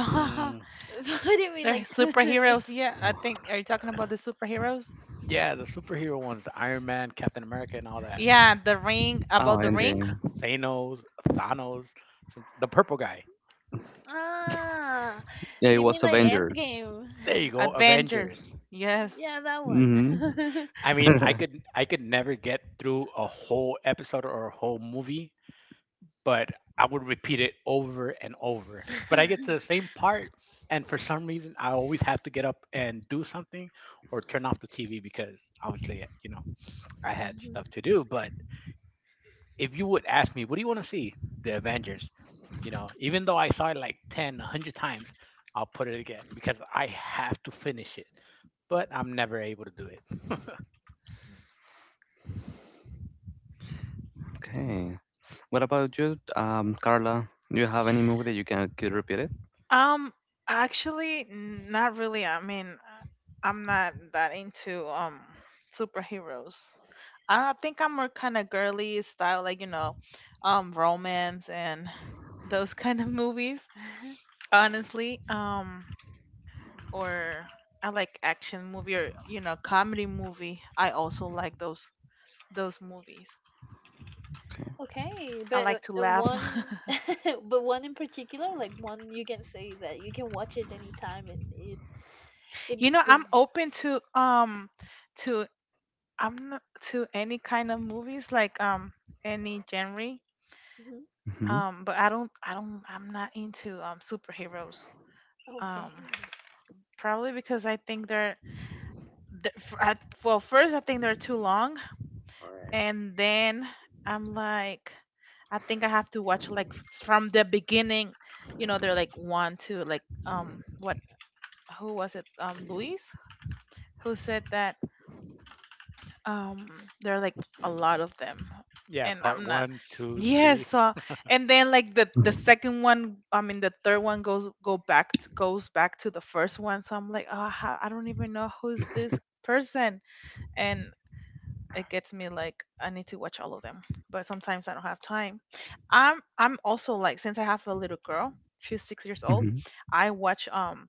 [SPEAKER 3] Mm,
[SPEAKER 1] What do you mean,
[SPEAKER 4] They're
[SPEAKER 1] like,
[SPEAKER 4] superheroes. Yeah, I think are you talking about the superheroes?
[SPEAKER 3] yeah, the superhero ones, Iron Man, Captain America, and all that.
[SPEAKER 4] Yeah, the ring,
[SPEAKER 2] Oh,
[SPEAKER 4] about the ring?
[SPEAKER 2] Endgame.
[SPEAKER 3] Thanos, Thanos, the purple guy.
[SPEAKER 1] ah,
[SPEAKER 2] Yeah, it
[SPEAKER 1] you mean
[SPEAKER 2] was
[SPEAKER 1] like
[SPEAKER 2] Avengers.
[SPEAKER 1] endgame.
[SPEAKER 3] There you go,
[SPEAKER 4] Avengers.
[SPEAKER 3] Avengers.
[SPEAKER 4] Yes.
[SPEAKER 1] Yeah, that
[SPEAKER 2] Hmm
[SPEAKER 1] one.
[SPEAKER 3] I mean, I could never get through a whole episode or a whole movie, but I would repeat it over and over. But I get to the same part, and for some reason, I always have to get up and do something or turn off the TV because obviously, you know, I had stuff to do. But if you would ask me, what do you want to see? The Avengers. You know, even though I saw it like 10, a 100 times, I'll put it again because I have to finish it. But I'm never able to do it.
[SPEAKER 2] Okay. What about you, Carla? Do you have any movie that you can keep repeat it?
[SPEAKER 4] Um, Actually, not really. I mean, I'm not that into superheroes. I think I'm more kind of girly style, like you know, romance and those kind of movies. Honestly, or I like action movie or you know, comedy movie. I also like those movies.
[SPEAKER 2] Okay.
[SPEAKER 1] Okay,
[SPEAKER 4] I like
[SPEAKER 1] but
[SPEAKER 4] to laugh.
[SPEAKER 1] one, but one in particular, like one you can say that you can watch it anytime and it it.
[SPEAKER 4] You know,
[SPEAKER 1] Mm-hmm.
[SPEAKER 4] I'm open to to I'm not to any kind of movies like any genre.
[SPEAKER 1] mm-hmm,
[SPEAKER 2] hmm
[SPEAKER 4] But I'm not into superheroes.
[SPEAKER 1] Okay.
[SPEAKER 4] Um, Probably because I think they're, they I, well first I think they're too long,
[SPEAKER 2] Or
[SPEAKER 4] and then I'm like I think I have to watch like from the beginning. You know, they're like one, two, like what who was it? Luis who said that there are like a lot of them
[SPEAKER 3] Yeah,
[SPEAKER 4] and
[SPEAKER 3] part
[SPEAKER 4] I'm not
[SPEAKER 3] one, two,
[SPEAKER 4] yes,
[SPEAKER 3] three.
[SPEAKER 4] so and then like the second one, I mean the third one goes goes back to the first one, so I'm like oh I don't even know who's this person, and it gets me like I need to watch all of them, but sometimes I don't have time. I'm also like since I have a little girl, she's 6 years old.
[SPEAKER 2] hmm
[SPEAKER 4] I watch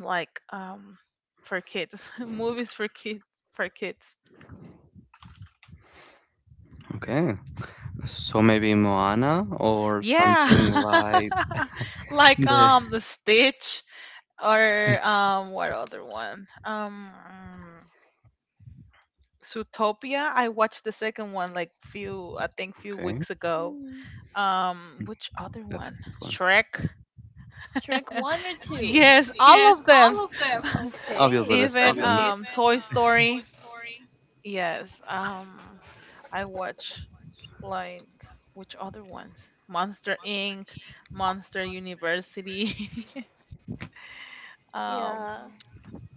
[SPEAKER 4] like for kids movies for kids for kids.
[SPEAKER 2] okay. So maybe Moana or
[SPEAKER 4] Yeah.
[SPEAKER 2] something like
[SPEAKER 4] Like
[SPEAKER 2] the.
[SPEAKER 4] the Stitch or what other one? Zootopia. I watched the second one like few, I think few
[SPEAKER 2] Okay,
[SPEAKER 4] weeks ago.
[SPEAKER 1] Mm.
[SPEAKER 4] Which other
[SPEAKER 2] that's a
[SPEAKER 4] one?
[SPEAKER 2] good one.
[SPEAKER 4] Shrek.
[SPEAKER 1] Shrek one or two.
[SPEAKER 4] Yes, all of them.
[SPEAKER 2] Obviously, the
[SPEAKER 1] Okay.
[SPEAKER 4] Even
[SPEAKER 2] 2nd.
[SPEAKER 4] Toy Story. Yes. I watch like which other ones? Monster Inc., Monster University.
[SPEAKER 1] Yeah.
[SPEAKER 4] um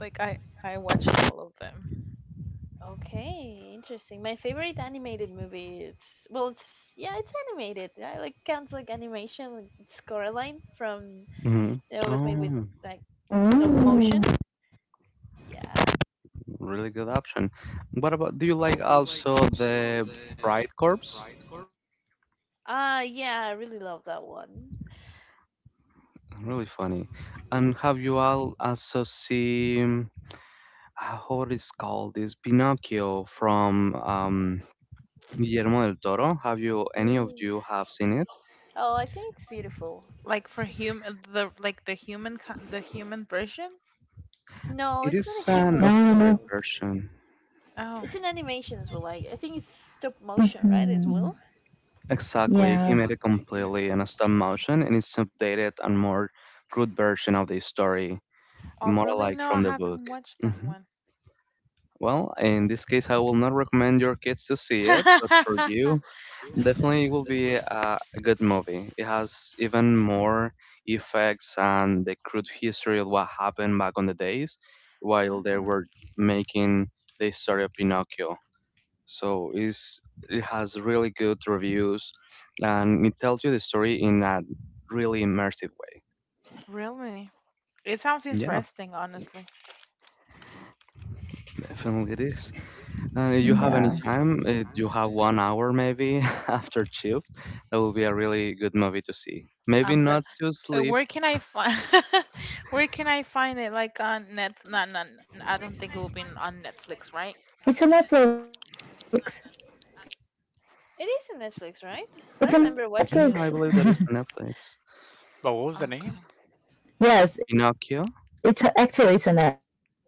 [SPEAKER 4] like I watch all of them
[SPEAKER 1] Okay. Interesting. My favorite animated movie. It's well, it's yeah, it's animated. I like counts like animation. Like it's Coraline from
[SPEAKER 2] Mm-hmm.
[SPEAKER 1] it was made with
[SPEAKER 2] Oh.
[SPEAKER 1] like
[SPEAKER 5] No,
[SPEAKER 1] stop motion. Yeah.
[SPEAKER 2] Really good option. What about, do you like also the Bride Corps?
[SPEAKER 1] Ah, yeah. I really love that one.
[SPEAKER 2] Really funny. And have you all also seen, what is called this Pinocchio from Guillermo del Toro? Have you, any of
[SPEAKER 1] Mm.
[SPEAKER 2] you have seen it?
[SPEAKER 1] Oh, I think it's beautiful.
[SPEAKER 4] like for human the like the the human version.
[SPEAKER 1] No,
[SPEAKER 2] It
[SPEAKER 1] it's not a
[SPEAKER 2] is an
[SPEAKER 1] human.
[SPEAKER 2] updated
[SPEAKER 5] no.
[SPEAKER 1] It's
[SPEAKER 2] version.
[SPEAKER 4] Oh.
[SPEAKER 1] it's an animation as well. Like I think it's stop motion, right? As
[SPEAKER 5] Hmm.
[SPEAKER 1] well.
[SPEAKER 2] Exactly. He made
[SPEAKER 5] Yeah,
[SPEAKER 2] it completely in a stop motion, and it's updated and more crude version of the story,
[SPEAKER 4] Oh
[SPEAKER 2] more
[SPEAKER 4] really,
[SPEAKER 2] like
[SPEAKER 4] no I
[SPEAKER 2] from the book.
[SPEAKER 4] haven't watched that
[SPEAKER 2] Mhm.
[SPEAKER 4] one.
[SPEAKER 2] Well, in this case, I will not recommend your kids to see it, but for you, definitely it will be a good movie. It has even more effects and the crude history of what happened back on the days while they
[SPEAKER 4] Oh
[SPEAKER 2] were making the story of Pinocchio. So it's, it has really good reviews, and it tells you the story in a really immersive way.
[SPEAKER 4] really, it sounds
[SPEAKER 2] Yeah,
[SPEAKER 4] interesting honestly.
[SPEAKER 2] definitely it is. If you have any time, you have 1 hour maybe
[SPEAKER 5] yeah.
[SPEAKER 2] after shift, that will be a really good movie to see. Maybe
[SPEAKER 4] I'm gonna
[SPEAKER 2] not to sleep.
[SPEAKER 4] Where can I find where can I find it like on net no I don't think it will be on Netflix, right?
[SPEAKER 5] It's a Netflix.
[SPEAKER 1] It is in
[SPEAKER 5] It's a
[SPEAKER 1] Netflix, right? I remember
[SPEAKER 5] Netflix.
[SPEAKER 1] watching it
[SPEAKER 2] Yeah, I
[SPEAKER 1] on
[SPEAKER 2] believe that is
[SPEAKER 1] Netflix.
[SPEAKER 2] on Netflix.
[SPEAKER 3] But what was the
[SPEAKER 4] Okay.
[SPEAKER 3] name?
[SPEAKER 5] Yes,
[SPEAKER 2] Pinocchio.
[SPEAKER 5] actually it's a Netflix.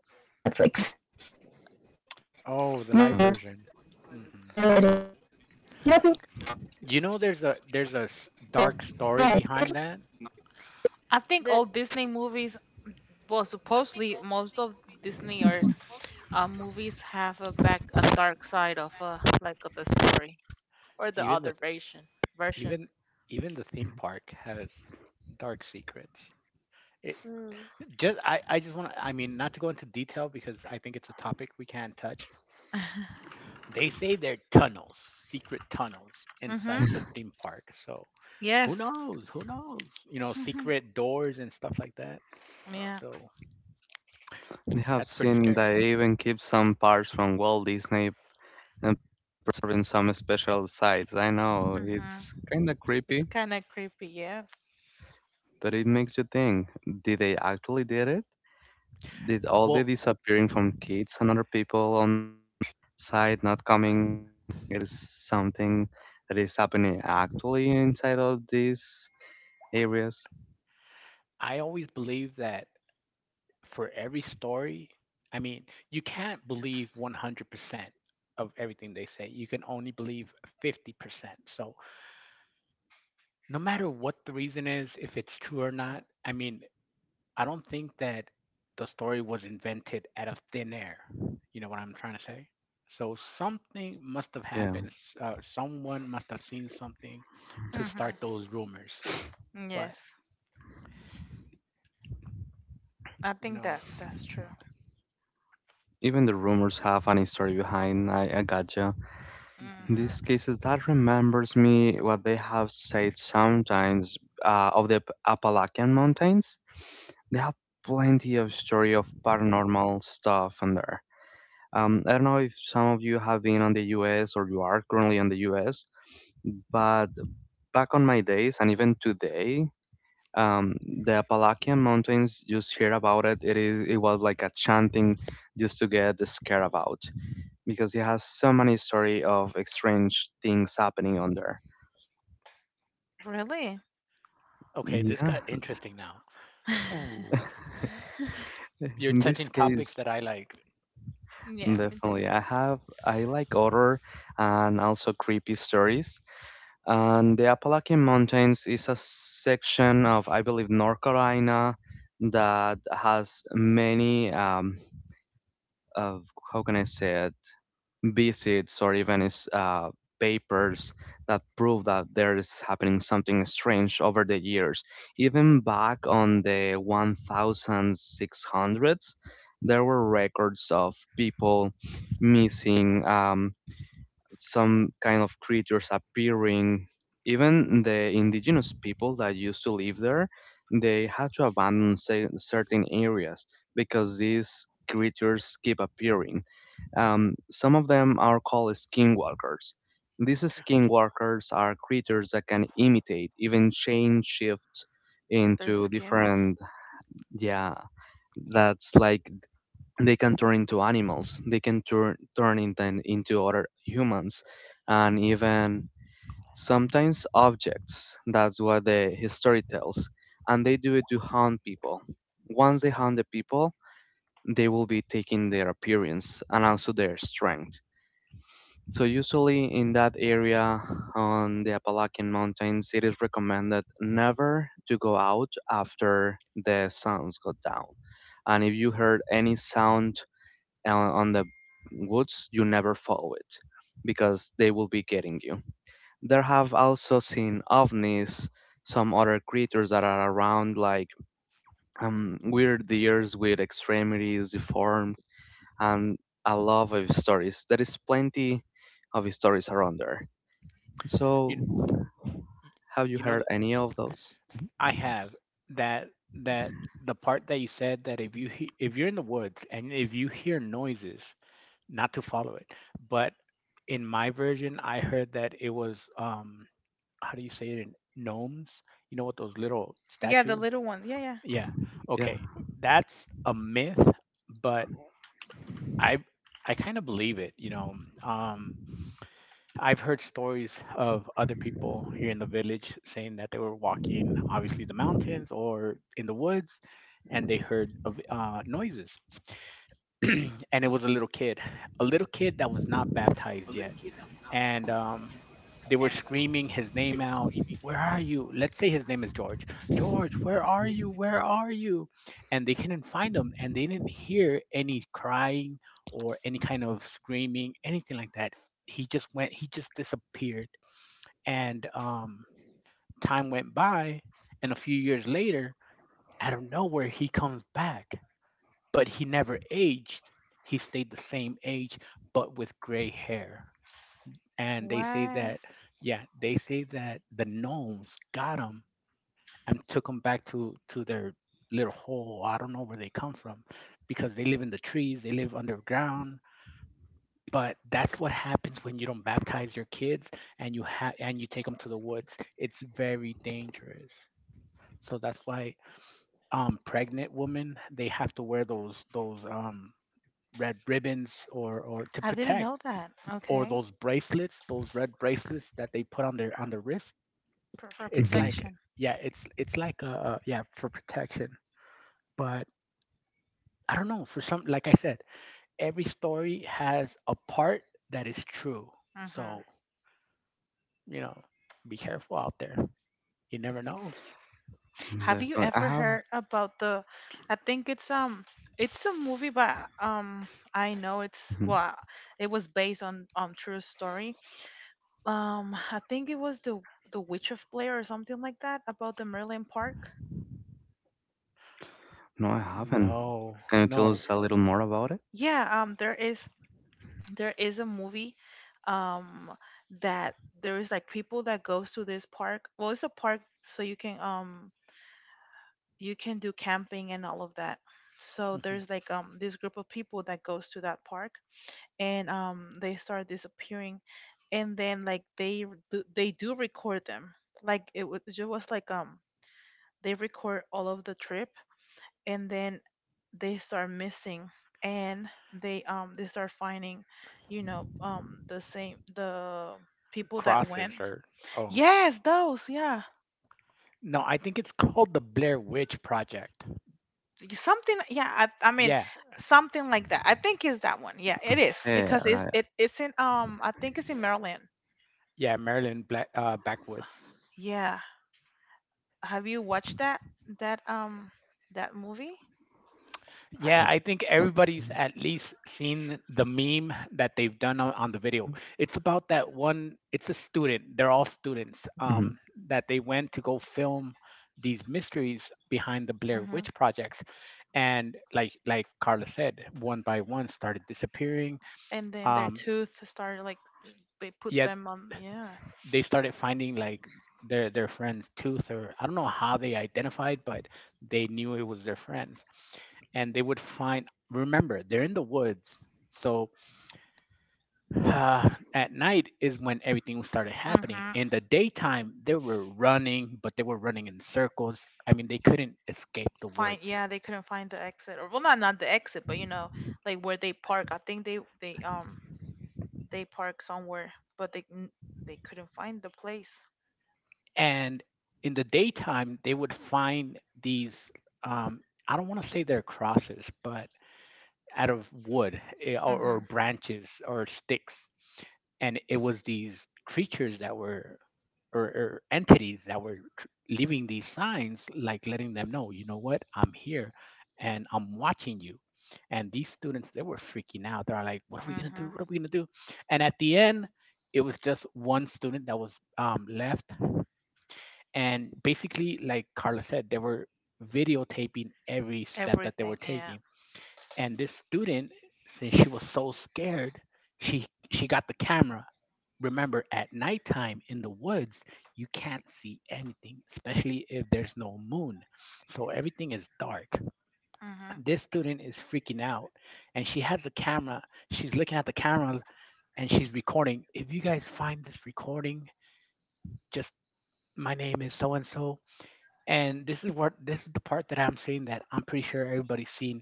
[SPEAKER 5] Yeah,
[SPEAKER 3] Oh, the live
[SPEAKER 2] Uh,
[SPEAKER 3] version. hmm
[SPEAKER 5] yeah, it is.
[SPEAKER 3] You know, there's
[SPEAKER 5] Pinocchio
[SPEAKER 3] a dark story behind that.
[SPEAKER 4] I think
[SPEAKER 1] The
[SPEAKER 4] all Disney movies, well supposedly most of Disney are movies have a back a dark side of like of the story or the
[SPEAKER 3] Even
[SPEAKER 4] other version.
[SPEAKER 3] even even the theme park has dark secrets. It
[SPEAKER 1] mm.
[SPEAKER 3] Just I just want to, I mean, not to go into detail because I think it's a topic we can't touch. They say there are tunnels, secret tunnels
[SPEAKER 4] Mhm.
[SPEAKER 3] inside the theme park. So who
[SPEAKER 4] Yes.
[SPEAKER 3] knows? Who knows? You know,
[SPEAKER 4] Mhm.
[SPEAKER 3] secret doors and stuff like that.
[SPEAKER 4] Yeah.
[SPEAKER 3] So
[SPEAKER 2] They
[SPEAKER 3] that's
[SPEAKER 2] have
[SPEAKER 3] pretty
[SPEAKER 2] seen
[SPEAKER 3] scary.
[SPEAKER 2] that they even keep some parts from Walt Disney and for some special sites. I know it's
[SPEAKER 4] Mhm.
[SPEAKER 2] kind of creepy,
[SPEAKER 4] It's kind of creepy. Yeah.
[SPEAKER 2] but it makes you think: did they actually did it? Did all the
[SPEAKER 3] Well,
[SPEAKER 2] disappearing from kids and other people on the site not coming? It is something that is happening actually inside of these areas.
[SPEAKER 3] I always believe that for every story, I mean, you can't believe 100% of everything they say. You can only believe 50%. So no matter what the reason is, if it's true or not, I mean, I don't think that the story was invented out of thin air. You know what I'm trying to say? So something must have
[SPEAKER 2] Yeah,
[SPEAKER 3] happened. Someone must have seen something to start
[SPEAKER 4] Mhm.
[SPEAKER 3] those rumors. But
[SPEAKER 4] Yes. I
[SPEAKER 3] you
[SPEAKER 4] think
[SPEAKER 3] know,
[SPEAKER 4] that that's true.
[SPEAKER 2] even the rumors have an history behind. I gotcha.
[SPEAKER 3] hmm
[SPEAKER 2] In
[SPEAKER 4] Mhm.
[SPEAKER 2] these cases, that remembers me what they have said sometimes of the Appalachian Mountains. They have plenty of story of paranormal stuff on there. I don't know if some of you have been on the U.S. or you are currently on the U.S., but back on my days and even today, um, the Appalachian Mountains. Just hear about it. It is. It was like a chanting just to get scared about because it has so many story of strange things happening on there.
[SPEAKER 4] Really?
[SPEAKER 3] okay, this
[SPEAKER 2] Yeah,
[SPEAKER 3] got interesting now. Ooh, you're
[SPEAKER 2] in this
[SPEAKER 3] touching topics
[SPEAKER 2] case,
[SPEAKER 3] that I like.
[SPEAKER 4] Yeah. Me too.
[SPEAKER 2] definitely. I have. I like horror and also creepy stories. And the Appalachian Mountains is a section of, I believe, North Carolina that has many. Of how can I say it? Visits or even is papers that prove that there is happening something strange over the years. Even back on the 1600s, there were records of people missing, some kind of creatures appearing. Even the indigenous people that used to live there, they had to abandon certain areas because these creatures keep appearing. Some of them are called skinwalkers. These skinwalkers are creatures that can imitate, even change shift
[SPEAKER 4] They're
[SPEAKER 2] into
[SPEAKER 4] skims.
[SPEAKER 2] different. Yeah, that's like they can turn into animals. They can turn into other humans, and even sometimes objects. That's what the history tells, and they do it to hunt people. Once they hunt the people, they will be taking their appearance and also their strength. So usually in that area on the Appalachian Mountains, it is recommended never to go out after the sun's got down. And if you heard any sound on the woods, you never follow it because they will be getting you. There have also seen ovnis, some other creatures that are around, like weird deers with extremities deformed, and a lot of stories. There is plenty of stories around there. So,
[SPEAKER 3] You,
[SPEAKER 2] have you
[SPEAKER 3] you know,
[SPEAKER 2] heard any of those?
[SPEAKER 3] I have that that the part that you said, that if if you're in the woods and if you hear noises, not to follow it. But in my version, I heard that it was, um, how do you say it? In gnomes? You know, what, those little
[SPEAKER 4] Yeah, the
[SPEAKER 3] statues?
[SPEAKER 4] little one. Yeah, yeah.
[SPEAKER 3] Yeah.
[SPEAKER 2] Yeah.
[SPEAKER 3] Okay. That's a myth, but I I kind of believe it, you know. Um, I've heard stories of other people here in the village saying that they were walking, obviously, the mountains or in the woods, and they heard of, noises
[SPEAKER 2] Mm-hmm.
[SPEAKER 3] and it was a little kid that was not baptized yet, and, they were screaming his name out. Where are you? Let's say his name is George. George, where are you? Where are you? And they couldn't find him, and they didn't hear any crying or any kind of screaming, anything like that. He just went. He just disappeared, and, time went by, and a few years later, out of nowhere, he comes back, but he never aged. He stayed the same age, but with gray hair. And they say
[SPEAKER 4] Wow.
[SPEAKER 3] that, yeah, they say that the gnomes got him and took him back to their little hole. I don't know where they come from, because they live in the trees. They live underground. But that's what happens when you don't baptize your kids and you have and you take them to the woods. It's very dangerous. So that's why pregnant women they have to wear those red ribbons or to
[SPEAKER 4] I didn't
[SPEAKER 3] protect
[SPEAKER 4] know that.
[SPEAKER 3] or
[SPEAKER 4] Okay.
[SPEAKER 3] those bracelets, those red bracelets that they put on their wrist.
[SPEAKER 4] For
[SPEAKER 3] It's like,
[SPEAKER 4] protection.
[SPEAKER 3] yeah, it's like yeah, for protection. But I don't know, for some, like I said, every story has a part that is true.
[SPEAKER 4] Hmm.
[SPEAKER 3] So you know, be careful out there, you never know.
[SPEAKER 4] Have you
[SPEAKER 2] Definitely. I
[SPEAKER 4] ever
[SPEAKER 2] have.
[SPEAKER 4] heard about the I think it's a movie but I know it's
[SPEAKER 2] Mhm.
[SPEAKER 4] well it was based on true story. I think it was the Witch of Blair or something like that about the Merlin Park.
[SPEAKER 2] No, I haven't.
[SPEAKER 3] No,
[SPEAKER 2] Can you tell us
[SPEAKER 3] no.
[SPEAKER 2] a little more about it?
[SPEAKER 4] Yeah, there is a movie um that there is like people that goes to this park. Well, it's a park so you can do camping and all of that. So
[SPEAKER 3] Mhm.
[SPEAKER 4] there's like this group of people that goes to that park, and they start disappearing, and then like they do record them like it was like they record all of the trip, and then they start missing, and they start finding you know the same the people that
[SPEAKER 3] Crosses
[SPEAKER 4] went
[SPEAKER 3] or? Oh,
[SPEAKER 4] yes those yeah.
[SPEAKER 3] no, I think it's called The Blair Witch Project.
[SPEAKER 4] Something, yeah. I mean
[SPEAKER 3] Yeah,
[SPEAKER 4] something like that, I think is that one. Yeah it is,
[SPEAKER 2] Okay,
[SPEAKER 4] because
[SPEAKER 2] I,
[SPEAKER 4] it's in I think it's in Maryland.
[SPEAKER 3] yeah. Maryland. Black, backwoods.
[SPEAKER 4] Yeah. Have you watched that that um that movie?
[SPEAKER 2] I
[SPEAKER 3] Yeah, I think everybody's at least seen the meme that they've done on the video. It's about that one. It's a student, they're all students,
[SPEAKER 2] mhm.
[SPEAKER 3] that they went to go film these mysteries behind the Blair
[SPEAKER 4] Mm-hmm.
[SPEAKER 3] Witch projects. And like Carla said, one by one started disappearing.
[SPEAKER 4] And then their
[SPEAKER 3] Um,
[SPEAKER 4] tooth started like they put
[SPEAKER 3] yet
[SPEAKER 4] them on, yeah.
[SPEAKER 3] they started finding like their friend's tooth, or I don't know how they identified, but they knew it was their friends. And they would find, remember, they're in the woods. So Uh, at night is when everything started happening.
[SPEAKER 4] Mm-hmm.
[SPEAKER 3] In the daytime, they were running, but they were running in circles. I mean, they couldn't escape the
[SPEAKER 4] Find
[SPEAKER 3] woods.
[SPEAKER 4] yeah, they couldn't find the exit, or well not not the exit, but you know, like where they park. I think they park somewhere, but they couldn't find the place.
[SPEAKER 3] And in the daytime, they would find these um, I don't want to say they're crosses, but out of wood, or
[SPEAKER 4] Mm-hmm.
[SPEAKER 3] branches or sticks. And it was these creatures that were, or entities that were leaving these signs, like letting them know, you know, what "i'm here and I'm watching you." And these students, they were freaking out, they're like, "What are we gonna do?
[SPEAKER 4] Mm-hmm.
[SPEAKER 3] What are we gonna do?" And at the end, it was just one student that was left. And basically, like Carla said, they were videotaping every step that they were
[SPEAKER 4] Everything, yeah.
[SPEAKER 3] taking. And this student, since she was so scared, she she got the camera. Remember, at nighttime in the woods, you can't see anything, especially if there's no moon. So everything is dark.
[SPEAKER 4] Mm-hmm.
[SPEAKER 3] This student is freaking out, and she has a camera. She's looking at the camera and she's recording. "If you guys find this recording, just my name is so and so." And this is what, this is the part that I'm saying that I'm pretty sure everybody's seen.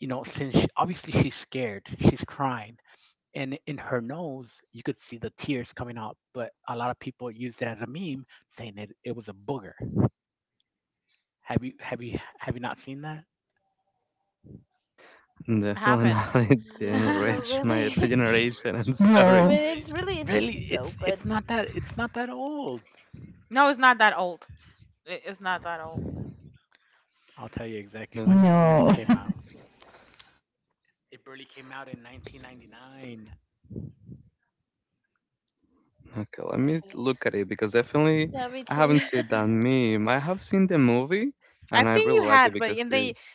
[SPEAKER 3] You know, since she, obviously she's scared, she's crying, and in her nose you could see the tears coming out, but a lot of people used it as a meme saying it was a booger. Have you not seen that?
[SPEAKER 4] I
[SPEAKER 2] Definitely
[SPEAKER 4] haven't.
[SPEAKER 2] not. It didn't
[SPEAKER 1] no, not
[SPEAKER 2] reach my
[SPEAKER 1] really.
[SPEAKER 2] generation. I'm
[SPEAKER 1] I
[SPEAKER 2] sorry.
[SPEAKER 1] mean, it's really
[SPEAKER 3] Really,
[SPEAKER 1] interesting though.
[SPEAKER 3] it's
[SPEAKER 1] But
[SPEAKER 3] it's not that, it's not that old.
[SPEAKER 4] No, it's not that old. I- It's not that old.
[SPEAKER 3] I'll tell you exactly when
[SPEAKER 2] No.
[SPEAKER 3] when it came out. It barely came out in 1999.
[SPEAKER 2] Okay, let me
[SPEAKER 1] okay,
[SPEAKER 2] look at it because definitely
[SPEAKER 1] yeah, me
[SPEAKER 2] I
[SPEAKER 1] too.
[SPEAKER 2] haven't seen that meme. I have seen the movie
[SPEAKER 4] I
[SPEAKER 2] and I
[SPEAKER 4] think you
[SPEAKER 2] really like it
[SPEAKER 4] had, but
[SPEAKER 2] because
[SPEAKER 4] and they
[SPEAKER 2] it's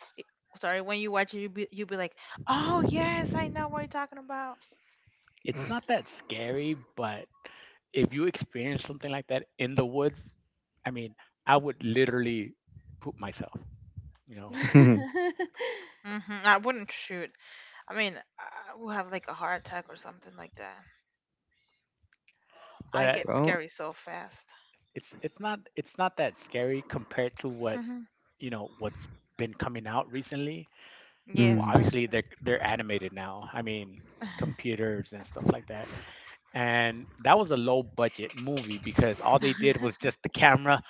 [SPEAKER 4] Sorry, when you watch it, you be like, "Oh yes, I know what you're talking about."
[SPEAKER 3] It's not that scary, but if you experience something like that in the woods, I mean, I would literally poop myself, you know?
[SPEAKER 4] Hmm, I wouldn't shoot. I mean, I would have like a heart attack or something like that. I
[SPEAKER 3] But
[SPEAKER 4] get
[SPEAKER 2] well,
[SPEAKER 4] scary so fast.
[SPEAKER 3] it's not, it's not that scary compared to what,
[SPEAKER 4] Hmm.
[SPEAKER 3] you know, what's been coming out recently. Well,
[SPEAKER 4] Yes,
[SPEAKER 2] mm,
[SPEAKER 4] that's
[SPEAKER 3] obviously
[SPEAKER 4] true.
[SPEAKER 3] they're animated now. I mean, computers and stuff like that. And that was a low budget movie because all they did was just the camera,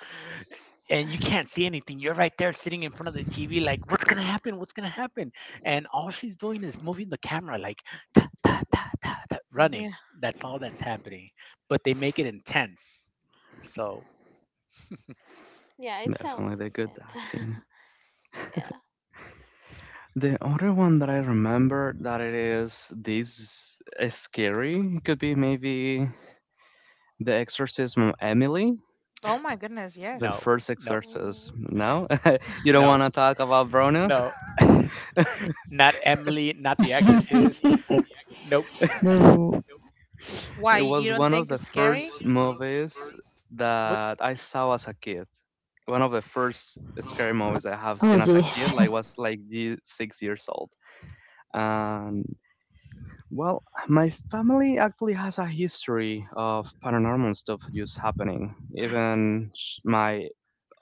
[SPEAKER 3] and you can't see anything. You're right there sitting in front of the TV, like, "What's gonna happen? What's gonna happen?" And all she's doing is moving the camera, like, ta, ta, ta, ta, ta, running.
[SPEAKER 4] Yeah.
[SPEAKER 3] That's all that's happening. But they make it intense. So
[SPEAKER 1] yeah, it sounds
[SPEAKER 2] definitely the good
[SPEAKER 1] intense.
[SPEAKER 2] acting.
[SPEAKER 1] yeah.
[SPEAKER 2] The other one that I remember that it is this is scary could be maybe The Exorcism of Emily,
[SPEAKER 4] Oh my goodness,
[SPEAKER 2] the
[SPEAKER 4] yes.
[SPEAKER 3] no,
[SPEAKER 2] first
[SPEAKER 3] no,
[SPEAKER 1] Mm.
[SPEAKER 2] exorcism. No, you don't want
[SPEAKER 3] no,
[SPEAKER 2] to talk about Bruno.
[SPEAKER 3] no. Not Emily, not The Exorcist. Nope.
[SPEAKER 4] Why
[SPEAKER 2] It
[SPEAKER 4] you
[SPEAKER 2] was
[SPEAKER 4] don't
[SPEAKER 2] one of
[SPEAKER 4] think
[SPEAKER 2] the
[SPEAKER 4] it's scary?
[SPEAKER 2] first movies
[SPEAKER 3] What's
[SPEAKER 2] that I saw as a kid. One of the first scary movies I have seen as a kid, like was like 6 years old. And well, my family actually has a history of paranormal stuff just happening. Even my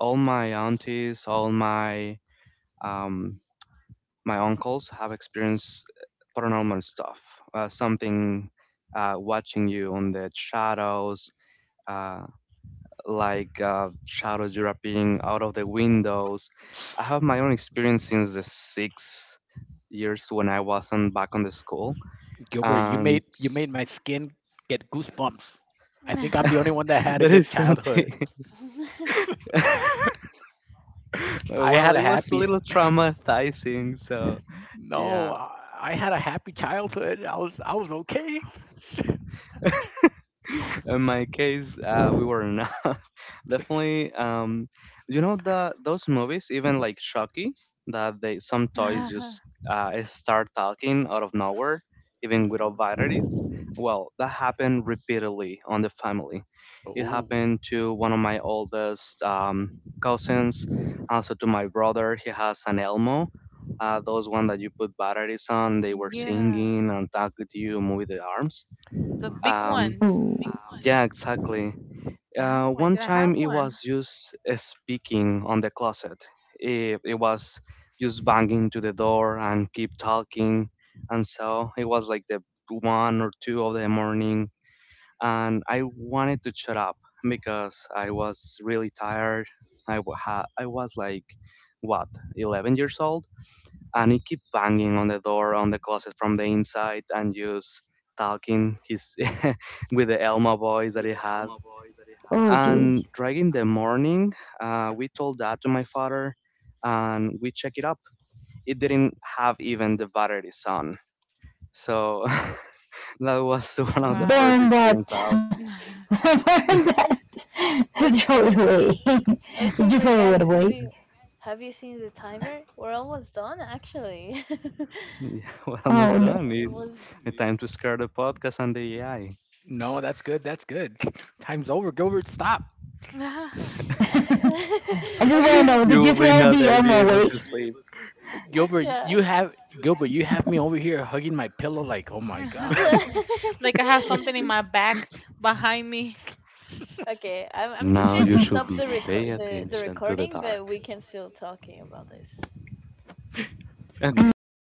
[SPEAKER 2] all my aunties, all my um, my uncles have experienced paranormal stuff. Something watching you on the shadows, uh, like shadows you're appearing out of the windows. I have my own experience since the 6 years when I wasn't back on the school,
[SPEAKER 3] Gilbert? You
[SPEAKER 2] and
[SPEAKER 3] made, you made my skin get goosebumps. I think I'm the only one that had a
[SPEAKER 2] that is
[SPEAKER 3] good childhood.
[SPEAKER 2] something.
[SPEAKER 3] I
[SPEAKER 2] Well,
[SPEAKER 3] had a
[SPEAKER 2] it was a
[SPEAKER 3] happy.
[SPEAKER 2] little traumatizing, so
[SPEAKER 3] No,
[SPEAKER 2] yeah.
[SPEAKER 3] I had a happy childhood. I was okay.
[SPEAKER 2] In my case, we were not. Definitely, you know the those movies, even like Chucky, that they some toys just start talking out of nowhere, even
[SPEAKER 3] Hmm.
[SPEAKER 2] without varieties. Well, that happened repeatedly on the family. It
[SPEAKER 3] Oh
[SPEAKER 2] happened to one of my oldest cousins, also to my brother. He has an Elmo. Those one that you put batteries on, they were
[SPEAKER 4] Yeah,
[SPEAKER 2] singing and talking to you, moving the arms.
[SPEAKER 4] the big
[SPEAKER 2] Um,
[SPEAKER 4] ones.
[SPEAKER 2] yeah, exactly.
[SPEAKER 4] Oh my
[SPEAKER 2] One
[SPEAKER 4] god, I
[SPEAKER 2] time
[SPEAKER 4] have
[SPEAKER 2] it
[SPEAKER 4] one.
[SPEAKER 2] was just speaking on the closet. It was just banging to the door and keep talking. And so it was like the one or two of the morning. And I wanted to shut up because I was really tired. I was like, what, 11 years old? And he kept banging on the door, on the closet from the inside and just talking his with the Elmo voice that he had, and right in the morning, we told that to my father and we checked it up. It didn't have even the batteries on. So that was one of the first
[SPEAKER 4] Wow.
[SPEAKER 2] experience I was
[SPEAKER 1] okay. Okay, but guys, have you seen the timer? We're almost done, actually.
[SPEAKER 2] yeah. We're almost done.
[SPEAKER 1] It
[SPEAKER 2] It's
[SPEAKER 1] was
[SPEAKER 2] the time to scare the podcast and the AI.
[SPEAKER 3] no, that's good. That's good. Time's over, Gilbert. Stop.
[SPEAKER 1] okay.
[SPEAKER 2] You will be not be able to sleep.
[SPEAKER 3] Gilbert,
[SPEAKER 1] Yeah.
[SPEAKER 3] you have Gilbert, you have me over here hugging my pillow like, oh my god.
[SPEAKER 4] Like I have something in my back behind me.
[SPEAKER 1] Okay, I'm just
[SPEAKER 2] Now
[SPEAKER 1] going
[SPEAKER 2] you
[SPEAKER 1] to
[SPEAKER 2] should
[SPEAKER 1] stop
[SPEAKER 2] be pay
[SPEAKER 1] the
[SPEAKER 2] attention to the
[SPEAKER 1] recording, but
[SPEAKER 2] dark.
[SPEAKER 1] we can still talking about this.
[SPEAKER 3] No.
[SPEAKER 2] Okay.